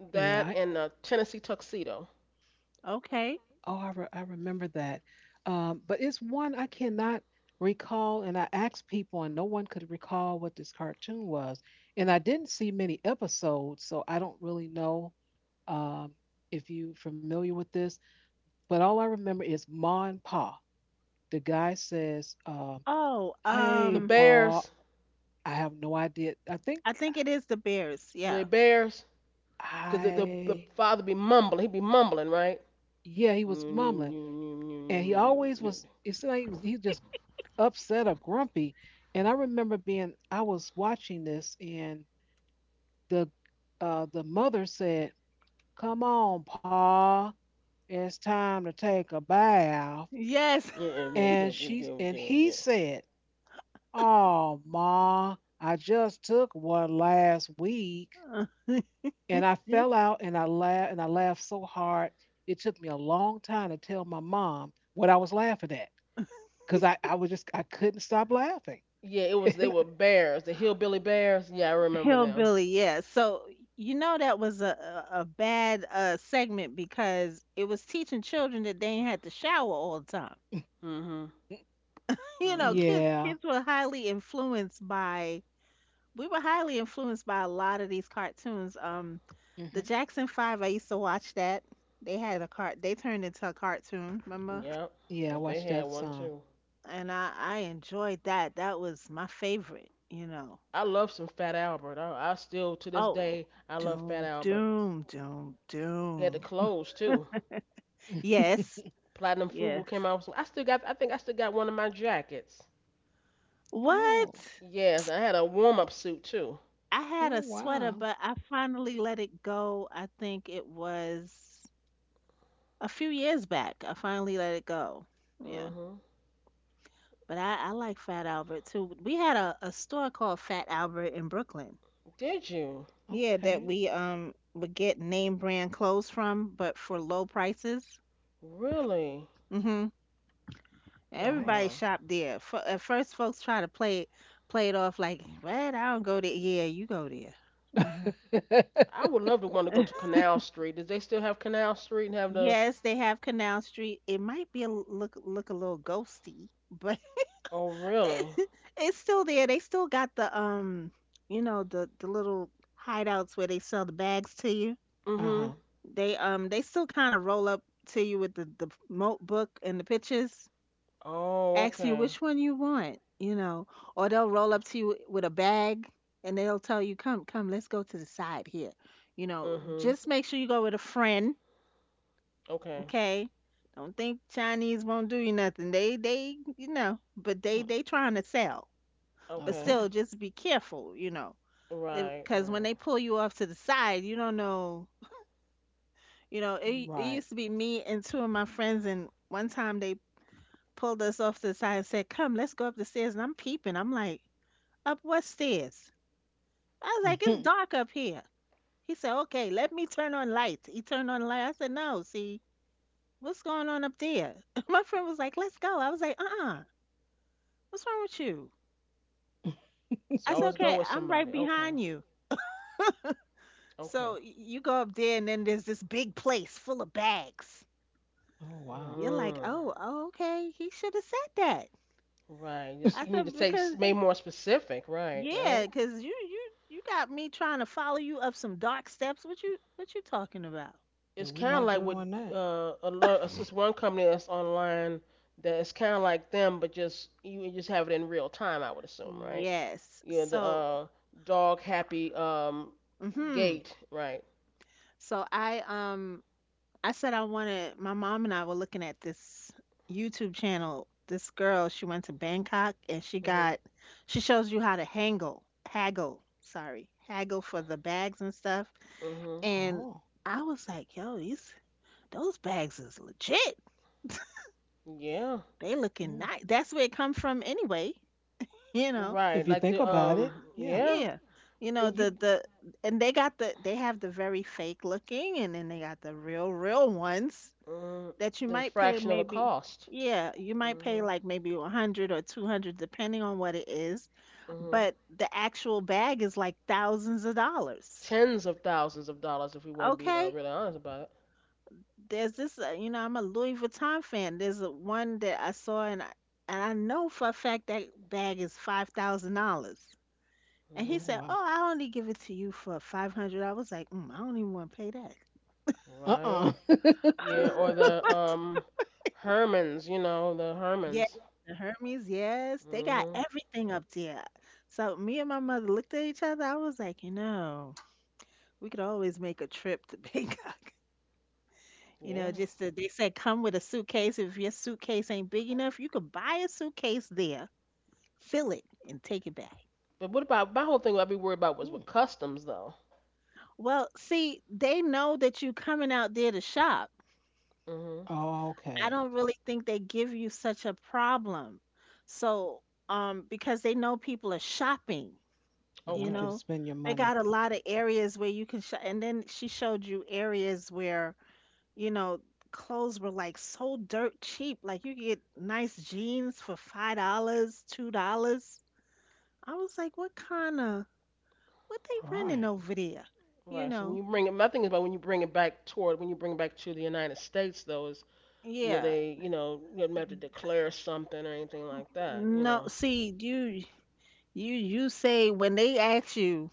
That
Yeah.
and Tennessee Tuxedo.
Okay.
Oh, I remember that. But it's one I cannot recall, and I asked people, and no one could recall what this cartoon was. And I didn't see many episodes, so I don't really know, um, if you familiar with this. But all I remember is Ma and Pa. The guy says,
Oh,
The
"Hey, Paul."
Bears.
I have no idea. I think.
I think it is the Bears.
Were they
Yeah.
bears? Because the
I,
father be mumbling. He'd be mumbling, right?
yeah, he
Yeah,
was mumbling, and he always was. It seemed like he was just upset or grumpy. And I remember being, I was watching this, and the the mother said, "Come on, Paul, it's time to take a bath."
Yes.
And she and he said, "Oh, Ma, I just took one last week." And I fell out and I laughed so hard. It took me a long time to tell my mom what I was laughing at because I was just I couldn't stop laughing.
it was. They
And
were bears. The hillbilly bears. Yeah, I remember them.
Hillbilly, yeah. So you know that was a a bad segment because it was teaching children that they ain't had to shower all the time.
Mhm.
You know,
Mhm.
kids
yeah,
kids were highly influenced by, we were highly influenced by a lot of these cartoons. The
hmm
Jackson Five, I used to watch that. They had a cart. They turned into a cartoon, remember?
Yep.
yeah, I
Yep. They
watched
had
that
one
song.
too.
And I enjoyed that. That was my favorite. You know.
I love some Fat Albert. I still to this
Oh,
day I love Fat
doom,
Albert.
doom, doom,
He had the
doom.
clothes too.
Yes,
Platinum Fubu
yes.
came out with some. I still got. I think I still got one of my jackets.
Oh.
What?
Yes, I had a warm up suit too.
I had
Oh
a sweater,
wow,
but I finally let it go. I think it was a few years back. I finally let it go. Yeah.
Mhm.
But I like Fat Albert too. We had a store called Fat Albert in Brooklyn.
Did you?
Yeah, that
okay,
we would get name brand clothes from, but for low prices.
Really?
Mm-hmm.
Oh
Everybody
nice.
wow.
shop there. F- at first, folks try to play it off like, "What? I don't go there." Yeah, you go there. Uh-huh.
Uh
I would love to want to go to Canal Street. Does they still have Canal Street and have the?
Yes, they have Canal Street. It might be a l- look a little ghosty, but
Oh really?
it's still there. They still got the you know, the little hideouts where they sell the bags to you.
Mhm.
huh.
They still kind of roll up to you with the mo- book and the pictures.
Oh
Ask you
okay.
which one you want, you know, or they'll roll up to you with a bag and they'll tell you, come, come, let's go to the side here. You know,
Mhm.
just make sure you go with a friend,
Okay.
okay? Don't think Chinese won't do you nothing. You know, but they trying to sell. But
Okay.
still,
Okay,
just be careful, you know,
Right.
because when
Right.
they pull you off to the side, you don't know. You know, it
right.
used to be me and two of my friends, and one time they pulled us off to the side and said, "Come, let's go up the stairs." And I'm peeping. I'm like, up what stairs? I was like, it's
Oh
dark up here. He said, okay, let me turn on lights. He turned on light. I said, no, see, what's going on up there? My friend was like, let's go. I was like, uh-uh, what's wrong with you?
So
I said,
always go
okay,
with
I'm right
somebody. Okay.
behind you. So
Okay.
y- you go up there and then there's this big place full of bags.
wow.
You're like,
Mm.
oh, oh okay, he should have said that.
Right. Just
I
you need to
said,
take
because,
made more specific. Right. Right.
yeah, because you got me trying to follow you up some dark steps. What you talking about?
So
It's
we're
kind of
not
like with
doing that.
a lot. It's one company that's online that it's kind of like them, but just you just have it in real time. I would assume. Right.
Yes.
Yeah, the
So.
dog happy um
Mhm.
gate, right.
So I said I wanted, my mom and I were looking at this YouTube channel. This girl, she went to Bangkok and she
Mhm.
got, she shows you how to hangle, haggle, sorry, haggle for the bags and stuff.
Mhm.
And
Oh,
I was like, yo, these those bags is legit.
Yeah.
They
mm.
looking nice. That's where it come from anyway, you know.
If
Right,
you
like
think
the
about it, yeah.
yeah,
Yeah. You know,
and you
the and they got the, they have the very fake looking and then they got the real real ones
mm,
that you
there's a
might pay
fraction of a
maybe,
cost.
yeah, you might pay
Mhm.
like maybe 100 or 200 depending on what it is,
Mhm.
but the actual bag is like thousands of dollars.
Tens of thousands of dollars if we want to be
Okay,
really honest about it.
there's this you know, I'm a Louis Vuitton fan, there's a, one that I saw, and I know for a fact that bag is $5000, and
Oh
he
Mhm.
said,
wow.
oh, I only give it to you for 500. I was like, mm, I don't even want to pay that.
Right.
Uh-uh.
Yeah, or the Hermans, you know, the
Yes,
Hermans.
the Hermes, yes. They got
Mhm.
everything up there. So me and my mother looked at each other. I was like, you know, we could always make a trip to Bangkok. You
Yeah.
know, just to, they said come with a suitcase. If your suitcase ain't big enough, you could buy a suitcase there, fill it, and take it back.
But what about my whole thing? I'd be worried about was
Mm.
with customs though.
Well, see, they know that you coming out there to shop.
Mhm.
Oh, okay.
I don't really think they give you such a problem. So, because they know people are shopping.
They
You
want you to
Okay.
know,
spend your
they
money.
got a lot of areas where you can show, and then she showed you areas where, you know, clothes were like so dirt cheap. Like you could get nice jeans for $5, $2. I was like, what
All
they running
right.
over there? You
Right. So when
know,
you bring it, my thing is about when you bring it back to the United States though is would
yeah.
they, you know, you wouldn't have to declare something or anything like that, you
No,
know.
see, you say when they ask you,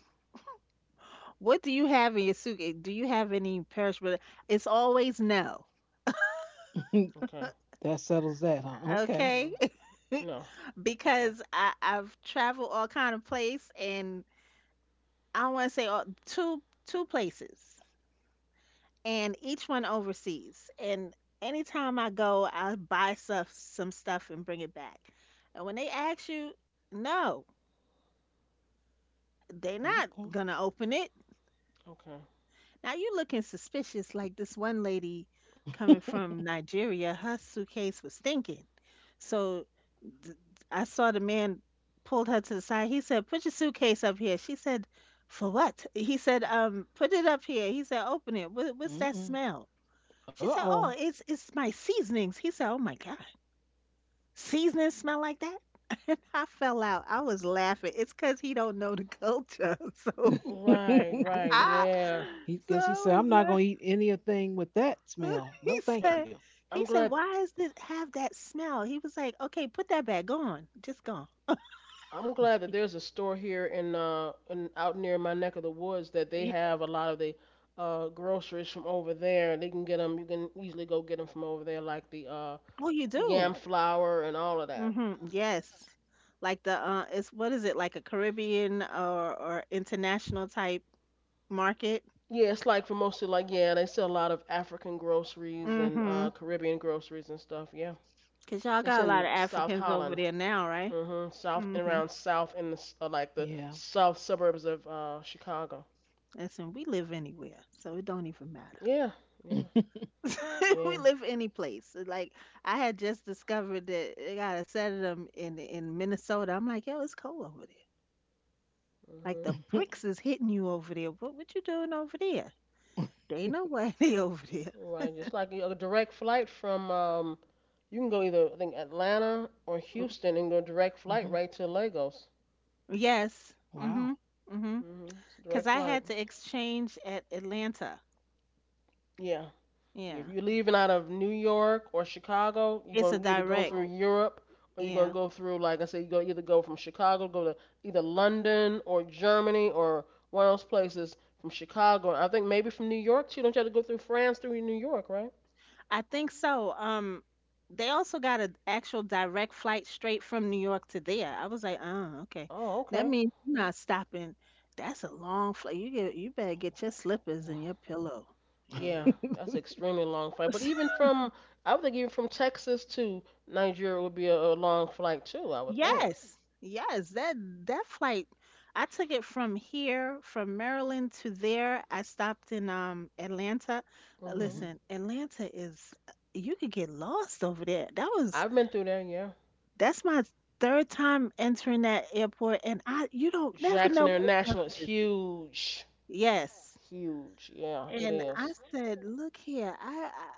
what do you have in your suitcase? Do you have any perishable? It's always no.
Okay.
That settles that, huh? Okay.
Mhm.
Okay?
No. Okay.
Because I've traveled all kind of place, and I want to say all, two places, and each one overseas. And anytime I go, I buy stuff, some stuff, and bring it back. And when they ask you, no, they're not
Okay.
gonna open it.
Okay.
Now you looking suspicious, like this one lady coming from Nigeria. Her suitcase was stinking, so th- I saw the man pulled her to the side. He said, "Put your suitcase up here." She said, "For what?" He said, put it up here." He said, "Open it. What, what's that
Mm-mm.
smell?" She said, "Oh,
Uh-oh.
it's my seasonings." He said, "Oh my God, seasonings smell like that?" And I fell out. I was laughing. It's because he don't know the culture. So
Right. Right.
I,
Yeah.
He
so
guess he said,
I
I'm not
was
gonna eat anything with that
laughing.
smell. No, thank
Uh,
you.
I'm
He said,
glad.
"Why does it have that smell?" He was like, "Okay, put that back. Go on, just go." on."
I'm glad that there's a store here in out near my neck of the woods that they
Yeah.
have a lot of the groceries from over there. They can get them. You can easily go get them from over there, like the
Oh, you
yam
do.
flour and all of that.
Hmm. Yes. Like the uh, it's what is it? Like a Caribbean or international type market?
Yeah, it's like for mostly like yeah, they sell a lot of African groceries and
Mm-hmm.
Caribbean groceries and stuff. Yeah,
'Cause y'all
it's
got a lot
in
of
South
Africans over
Holland,
there now, right?
hmm, south and
Mm-hmm.
around south in the like the
Yeah.
south suburbs of Chicago.
Listen, we live anywhere, so it don't even matter.
Yeah, yeah,
We
yeah.
live any place. Like I had just discovered that they got a set of them in Minnesota. I'm like, yo, it's cold over there. Like
Hmm.
the
Hmm.
bricks is hitting you over there. What you doing over there? They know why they over there.
Right, just like a direct flight from you can go either I think Atlanta or Houston and go direct flight right to Lagos.
Yes.
Wow.
Mm-hmm. Mm-hmm.
Hmm. It's a
Because
direct
I
flight.
had to exchange at Atlanta.
Yeah, if
Yeah.
you're leaving out of New York or Chicago, you're
It's a
gonna either go
direct.
through Europe or you're gonna
Yeah.
go through, like I said, you're gonna either go from Chicago, go to either London or Germany or one of those places from Chicago. I think maybe from New York too. Don't you have to go through France through New York, right?
I think so. They also got an actual direct flight straight from New York to there. I was like, oh, okay.
Oh,
That
okay.
means you're not stopping. That's a long flight. You get, you better get your slippers and
Wow.
your pillow, you know.
Yeah, that's an extremely long flight. But even from, I would think even from Texas to Nigeria would be a long flight too. I would think.
Yes, yes, that flight, I took it from here, from Maryland to there. I stopped in Atlanta.
Mhm.
Mhm.
Listen, Atlanta is you could get lost over there.
I've been through there. Yeah.
That's my third time entering that airport, and I you don't never
Jackson
know where stuff
International is
is.
huge.
Yes,
Huge. Yeah, it
and I
is.
said, look here,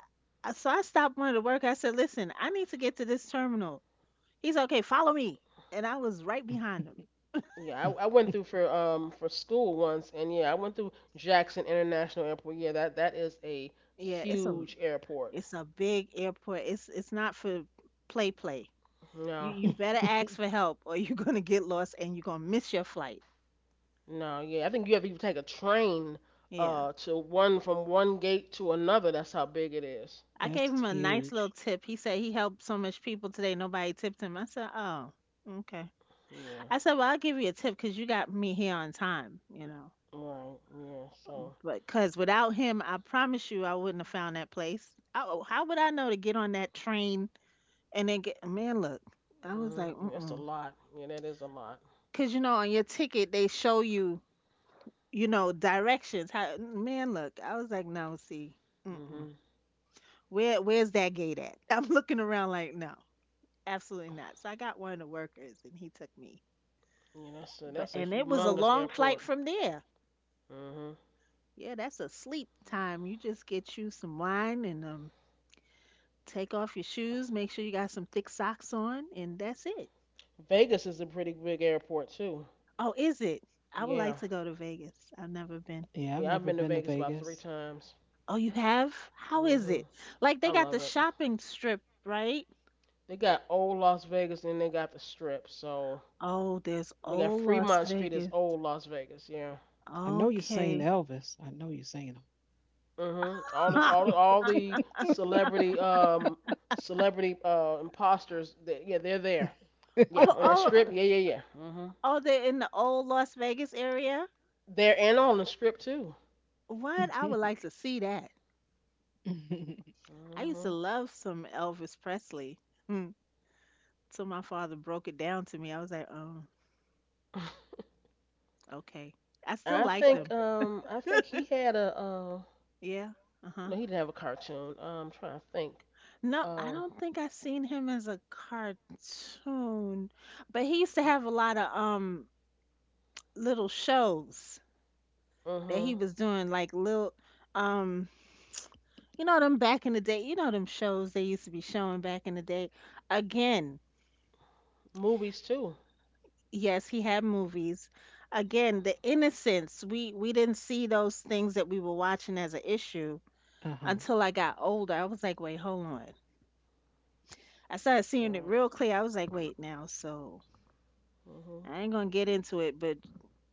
I- so I stopped one of the workers. I said, listen, I need to get to this terminal. He's like, okay, follow me, and I was right behind him.
Yeah, I went through for school once, and yeah, I went through Jackson International Airport. Yeah, that that is a
Yeah, it's a,
huge airport.
it's a big airport. It's not for play play. You
No,
you better ask for help or you're gonna get lost and you're gonna miss your flight.
no, yeah, I think you have to even take a train
Yeah.
to one from one gate to another. That's how big it is.
I
That's
gave him a nice
huge.
little tip. He said he helped so much people today, nobody tipped him. I said, oh, okay.
Yeah,
I said, well, I'll give you a tip because you got me here on time, you know.
right. Yeah, so
But because without him, I promise you I wouldn't have found that place. Oh, how would I know to get on that train and then get, man, look, I was
mhm,
like,
yeah, that's a
mm-mm.
lot. Yeah, that is a lot.
Because, you know, on your ticket, they show you, you know, directions. How, man, look, I was like, no, see, mm-mm.
Mhm.
Where where's that gate at? I'm looking around like, no, absolutely not. So I got one of the workers, and he took me.
Yeah, that's
But
that's a
and it was a
humongous
long flight
airport.
from there.
Mhm.
Yeah, that's a sleep time. You just get you some wine and take off your shoes. Make sure you got some thick socks on, and that's it.
Vegas is a pretty big airport too.
Oh, is it? I would
Yeah.
like to go to Vegas. I've never been.
Yeah, I've
Yeah, I've
never
been to
been to
Vegas about three
Vegas.
times.
Oh, you have? How is
Mhm.
it? Like
I
they got the
love it.
shopping strip, right?
They got old Las Vegas and they got the Strip. So
Oh, there's
they got
old Las
Fremont Street is
Vegas.
old Las Vegas. Yeah.
I know you're saying
Okay.
Elvis. I know you're saying
Mhm.
Oh,
All the celebrity celebrity imposters. They, yeah, they're there. Yeah, on that
oh,
Strip. Yeah, yeah, yeah. Mhm.
oh, they're in the old Las Vegas area?
They're and on the Strip too.
him.
What? I would like to see that.
Uh
I used to
Mhm.
love some Elvis Presley. Hmm. So my father broke it down to me. I was like, oh, okay. I still like them.
I think he had a
Yeah. Uh-huh.
no he didn't have a cartoon. I'm trying to think.
No, I
Uh.
don't think I seen him as a cartoon, but he used to have a lot of little shows that
Mhm.
he was doing, like little um you know them back in the day, you know them shows they used to be showing back in the day. Again,
Movies too.
yes, he had movies. Again, the innocence. We didn't see those things that we were watching as an issue
huh.
until I got older. I was like, wait, hold on. I started seeing it
Right.
real clear. I was like, wait now, so
Mhm.
I ain't gonna get into it, but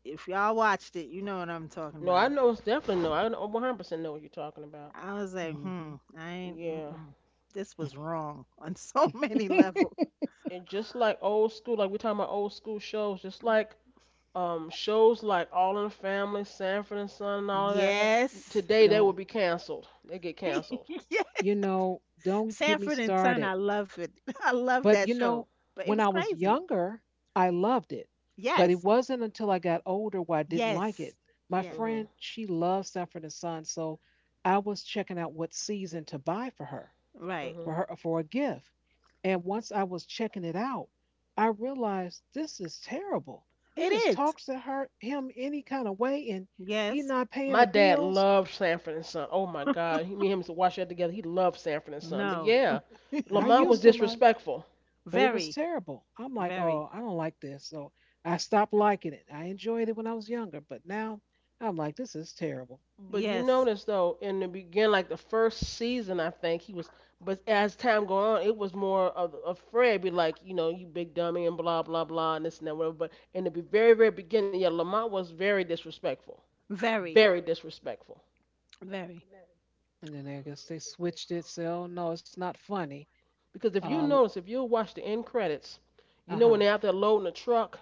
if y'all watched it, you know what I'm talking
No, I
about.
know it's definitely no. I 100% know what you're talking about.
I was like,
Hmm.
hmm, I ain't,
Yeah.
mm-mm. This was wrong on so many levels.
And just like old school, like we're talking about old school shows, just like shows like All in the Family, Sanford and Son, and all of that.
Yes.
Today they
Don't
would be canceled. They get canceled.
you know? Don't get me
Sanford and
started.
Son, I love it. I love
But,
that show. But it
when
was
I was
crazy.
younger, I loved it. But it
Yes.
wasn't until I got older where I didn't like
Yes.
it. My
Yes.
Mhm.
friend, she loves Sanford and Son, so I was checking out what season to buy for her,
Right.
for
Mhm.
her for a gift. And once I was checking it out, I realized this is terrible. He
It
just
is.
talks to her him any kind of way and he
Yes.
not paying
My
the
dad
bills.
loved Sanford and Son. Oh my God, he, me and him used to watch that together. He loved Sanford and Son. But
No.
yeah,
I
Lamont
used
was
to love,
disrespectful.
but it was
Very.
terrible. I'm like,
Very.
oh, I don't like this. So I stopped liking it. I enjoyed it when I was younger, but now I'm like, this is terrible.
But you
Yes.
notice though, in the beginning, like the first season, I think he was. But as time go on, it was more of Fred be like, you know, you big dummy and blah blah blah and this and that whatever. But in the very very beginning, yeah, Lamont was very disrespectful,
Very.
very disrespectful.
Very.
And then I guess they switched it. So oh, no, it's not funny.
Because if you
Uh
notice, if you watch the end credits, you know when
huh.
they're out there loading the truck.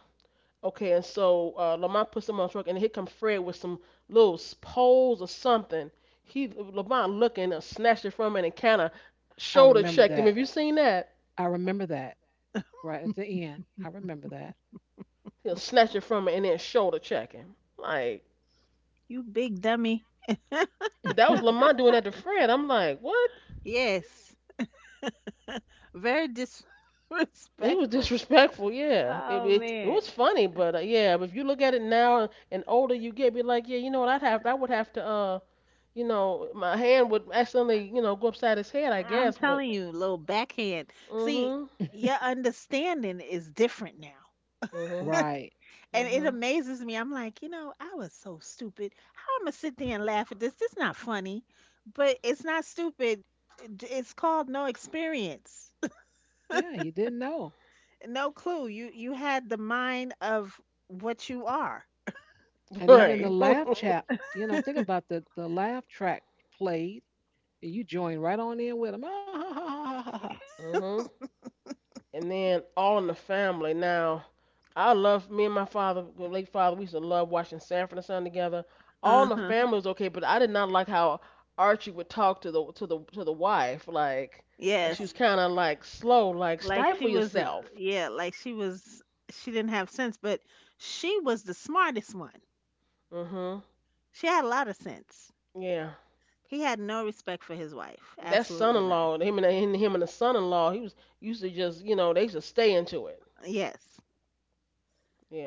Okay, and so Lamont puts him on the truck, and here come Fred with some little poles or something. He Lamont looking, snatched it from him, and kind of
I
shoulder
remember
checked
that.
him. Have you seen that?
I remember that right at the end. I remember that.
He'll snatch it from him and then shoulder check him. Like,
You big dummy.
but that was Lamont doing that to Fred. I'm like, what?
Yes. Very
He was
disrespectful.
disrespectful. Yeah,
Oh
it
man.
was funny, but yeah, but if you look at it now and older you get, be like, yeah, you know what? I would have to my hand would accidentally go upside his head, I
I'm
guess. But
telling you, little backhand. See,
mm-hmm,
your understanding is different now.
mm-hmm,
Right.
And it
mhm.
amazes me. I'm like, you know, I was so stupid. How I am gonna sit there and laugh at this? This not funny, but it's not stupid. It's called no experience,
Yeah, you didn't know.
no clue. You had the mind of what you are.
And even the
Right.
laugh chat, think about the laugh track played, and you join right on in with them. Ah, ha, ha, ha, ha, ha.
Mhm. And then All in the Family. Now, I love me and my father, my late father. We used to love watching Sanford and Son together. All in
Uh
the
huh.
Family was okay, but I did not like how Archie would talk to the wife. Like, she was
Yes.
kind of like slow. Like,
Like she
stifle
was.
yourself.
Yeah. Like she was. She didn't have sense, but she was the smartest one.
Mhm.
She had a lot of sense.
Yeah.
He had no respect for his wife.
That
Absolutely none.
son-in-law, him and the son-in-law, he was used to just, they used to stay into it.
Yes.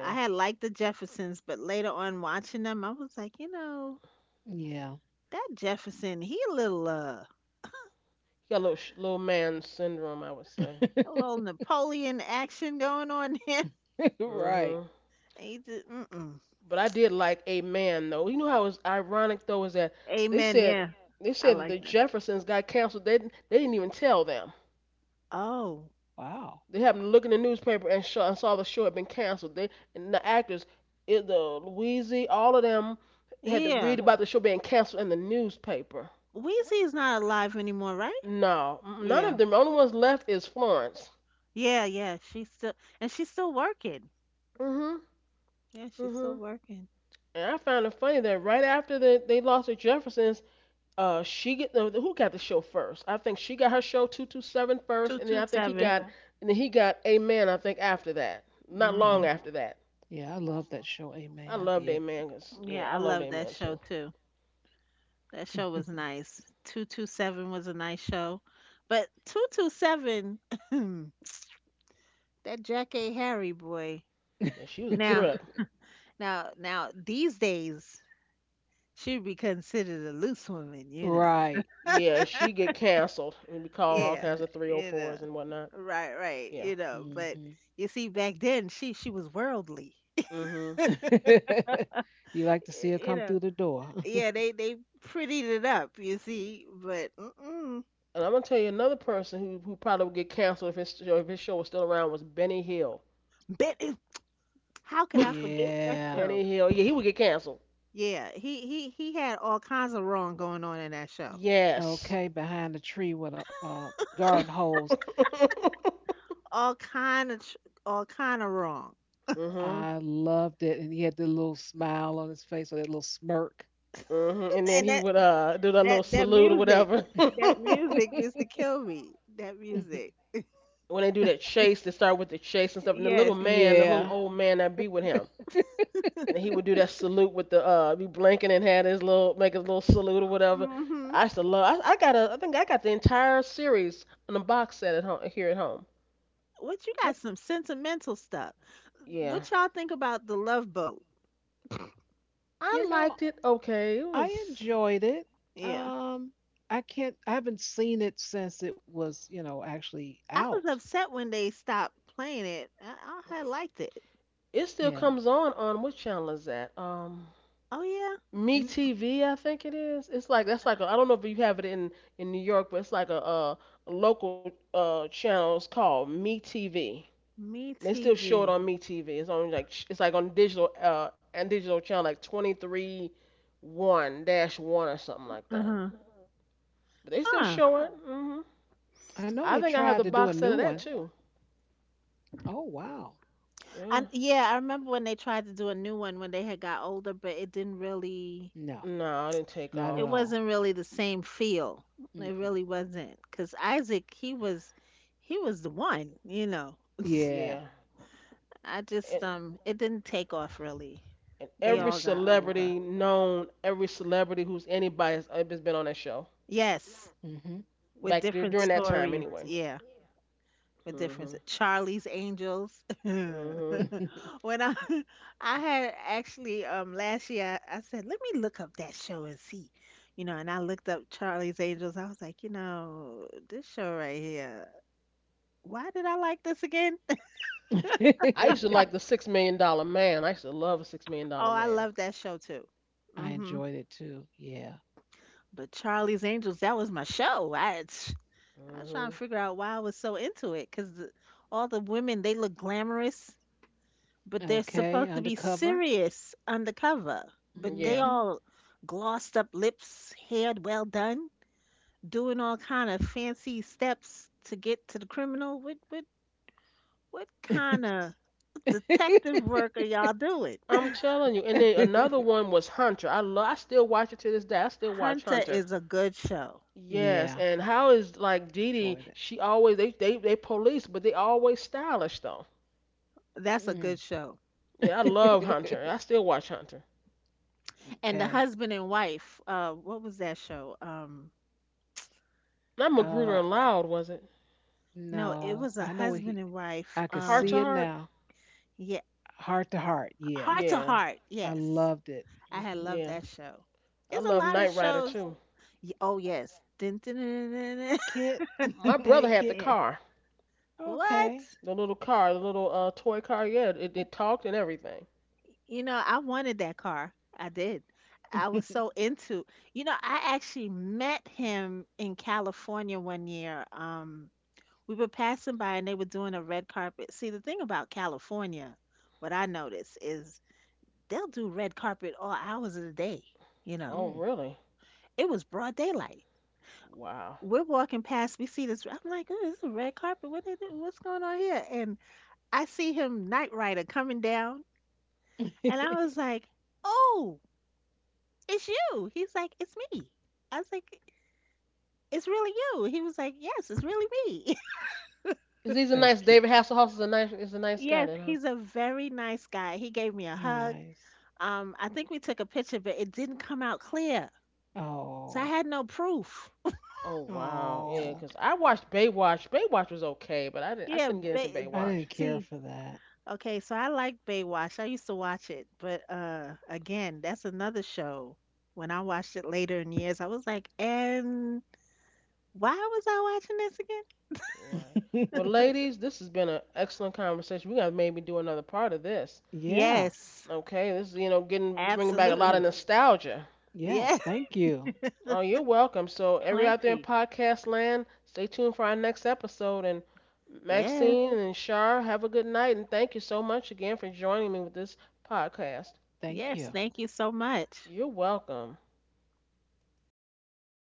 I had liked the Jeffersons, but later on watching them, I was like, you know,
Yeah.
that Jefferson, he
He got a little little man syndrome, I would say.
a little Napoleon action going on here.
Right.
Mhm.
He just, mm-mm.
But I did like a man though. You know how it was ironic though is that they
Amen.
said
Yeah,
they
I
said that the
like that.
Jeffersons got canceled. They didn't even tell them.
Oh,
Wow.
They happened to look in the newspaper and saw the show had been canceled. They and the actors, it, the Louise, all of them had to
yeah.
read about the show being canceled in the newspaper.
Weezy is not alive anymore, right?
No, none of
Yeah,
them. The only ones left is Florence.
yeah, yeah. She's still working.
Mhm.
Yeah, she's still
Mhm.
working.
And I found it funny that right after they lost to Jeffersons. She get no, Who got the show first? I think she got her show 227 first,
Two
and then
two
I think he
seven.
got and then he got Amen, I think, after that, not
Yeah.
Mhm.
long after that.
Yeah. I love that show.
I
Amen. I
loved
did.
Amen,
Yeah,
yeah,
I
I loved
love that
Amen
show
too.
too. That show was nice. 227 was a nice show. But 227, that Jack A. Harry boy.
Yeah, she was a
Now,
trip.
now, now, these days, she'd be considered a loose woman, you know.
Right.
Yeah, she get canceled and be called all
Yeah,
kinds of
you know.
304s and whatnot.
Right, right,
Yeah.
you know. But
Hmm.
you see, back then, she was worldly.
Mhm.
You like to see her
You
come
know.
through the door.
Yeah, they prettied it up, you see. But mm-mm.
And I'm gonna tell you another person who probably would get canceled if his show was still around was Benny Hill.
But how could I forget that
Yeah.
show?
Benny Hill. Yeah, he would get canceled.
Yeah, he had all kinds of wrong going on in that show.
Yes.
Okay. Behind the tree with a, garden hose.
All kind of tr- all kind of wrong.
Mhm.
I loved it. And he had the little smile on his face or that little smirk.
And then
and
he
that
would do that little
that that
salute or
music,
whatever.
that music used to kill me. That music.
When they do that chase, they start with the chase and stuff. And the little
Yes.
man, the little
Yeah.
old man that be with him, and he would do that salute with the be blinking and had his little salute or whatever.
Mhm.
I used to love. I got a. I think I got the entire series on a box set at home, here at home.
What you
I,
got some sentimental stuff.
Yeah,
What y'all think about The Love Boat?
you
I
know,
liked it. Okay, it
I
was.
enjoyed it.
Yeah.
Um, I can't. I haven't seen it since it was, actually
I was
out.
upset when they stopped playing it. I had liked it.
It still
Yeah,
comes on what channel is that?
Oh yeah.
Me
M-
TV, I think it is. It's like that's like a, I don't know if you have it in New York, but it's like a local channel. It's called Me TV.
Me
They still show it
TV.
on Me TV. It's on like it's like on digital channel like 23 one dash one or something like that.
Uh-huh.
But they still
Huh.
show it. Oh,
I know they
I think I
tried
have the
to do a
box
new
set of awesome,
one.
that too.
Oh wow,
Yeah.
And yeah, I remember when they tried to do a new one when they had got older, but it didn't really,
no,
No, I didn't take
not at
it
off.
all.
wasn't really the same feel. It
Mm-mm.
really wasn't, because Isaac, he was the one, you know.
Yeah,
Yeah.
I just,
And
it didn't take off really. They
every, oh,
no.
all got older.
celebrity known, every celebrity who's anybody has been on that show,
Yes,
Hmm.
with
back there
different
during that time
stories.
anyway.
Yeah. What difference?
Mhm.
Charlie's Angels. when
Mhm.
I I had actually last year I said, let me look up that show and see. You know, and I looked up Charlie's Angels. I was like, you know, this show right here. Why did I like this again?
I used to like the Six Million Dollar Man. I used to love a Six Million
Oh,
Dollar
I
Man.
love that show too.
I
hmm
enjoyed it too. Yeah.
But Charlie's Angels, that was my show. I was trying to
Mhm.
figure out why I was so into it because all the women, they look glamorous. But they're
Okay.
supposed to be
Undercover.
serious undercover. But they
Yeah.
Hmm.
all glossed up lips, hair well done, doing all kind of fancy steps to get to the criminal. What kind of detective work are y'all doing?
I'm telling you. And then another one was Hunter. I still watch it to this day. I still watch
Hunter
Hunter.
is a good show.
Yes.
Yeah,
And how is like Dee Dee?
enjoyed it.
She always, they police, but they always stylish though.
That's a
Mm.
good show.
Yeah. I love Hunter. I still watch Hunter.
And the
Okay.
husband and wife, what was that show?
Not Magruder
Uh,
and Loud, was it?
No, it
No,
was
I
a
know what he.
husband and wife.
I could
Heart to
see it
Heart.
now,
Yeah,
heart to heart. Yeah,
Heart to
Yeah.
Heart.
I
Yes,
loved it.
I had
Hmm.
loved
Yeah.
that show.
I
It's a
love
lot of
Knight Rider
shows.
too.
Oh yes. Dun, dun, dun, dun, dun.
Kit,
My brother
hey
had the
Kit.
Yeah.
car.
What?
Okay,
The little car, the little toy car, yeah, it talked and everything.
You know, I wanted that car. I did. I was so into. You know, I actually met him in California one year. We were passing by and they were doing a red carpet. See, the thing about California, what I noticed is they'll do red carpet all hours of the day. You know,
Oh,
mm.
really?
it was broad daylight.
Wow.
We're walking past, we see this. I'm like, oh, this is a red carpet. What they do? What's going on here? And I see him Knight Rider coming down, and I was like, "Oh, it's you." He's like, "It's me." I was like, "It's really you." He was like, "Yes, it's really me."
'Cause He's a
That's
nice
cute.
David Hasselhoff is a nice guy
Yes,
then, huh?
he's a very nice guy. He gave me a hug.
Nice.
I think we took a picture, but it didn't come out clear, so I
Oh,
had no proof.
Oh wow, yeah.
oh,
'Cause I watched Baywatch. Baywatch was okay, but I didn't. I
Yeah,
couldn't get into
I didn't
Baywatch.
care
see,
for that.
okay, so I like Baywatch. I used to watch it, but again, that's another show. When I watched it later in years, I was like, and why was I watching this again?
Right. Well, ladies, this has been an excellent conversation. We gotta maybe do another part of this.
Yeah.
Yes,
Okay, this is, getting, bringing back a lot of
absolutely.
nostalgia.
Yes.
Yes,
Thank you.
Oh, you're welcome. So everybody out there in
plenty.
podcast land, stay tuned for our next episode. And
Yes,
Maxine and Shar, have a good night. And thank you so much again for joining me with this podcast.
Thank
yes.
you.
Thank you so much.
You're welcome.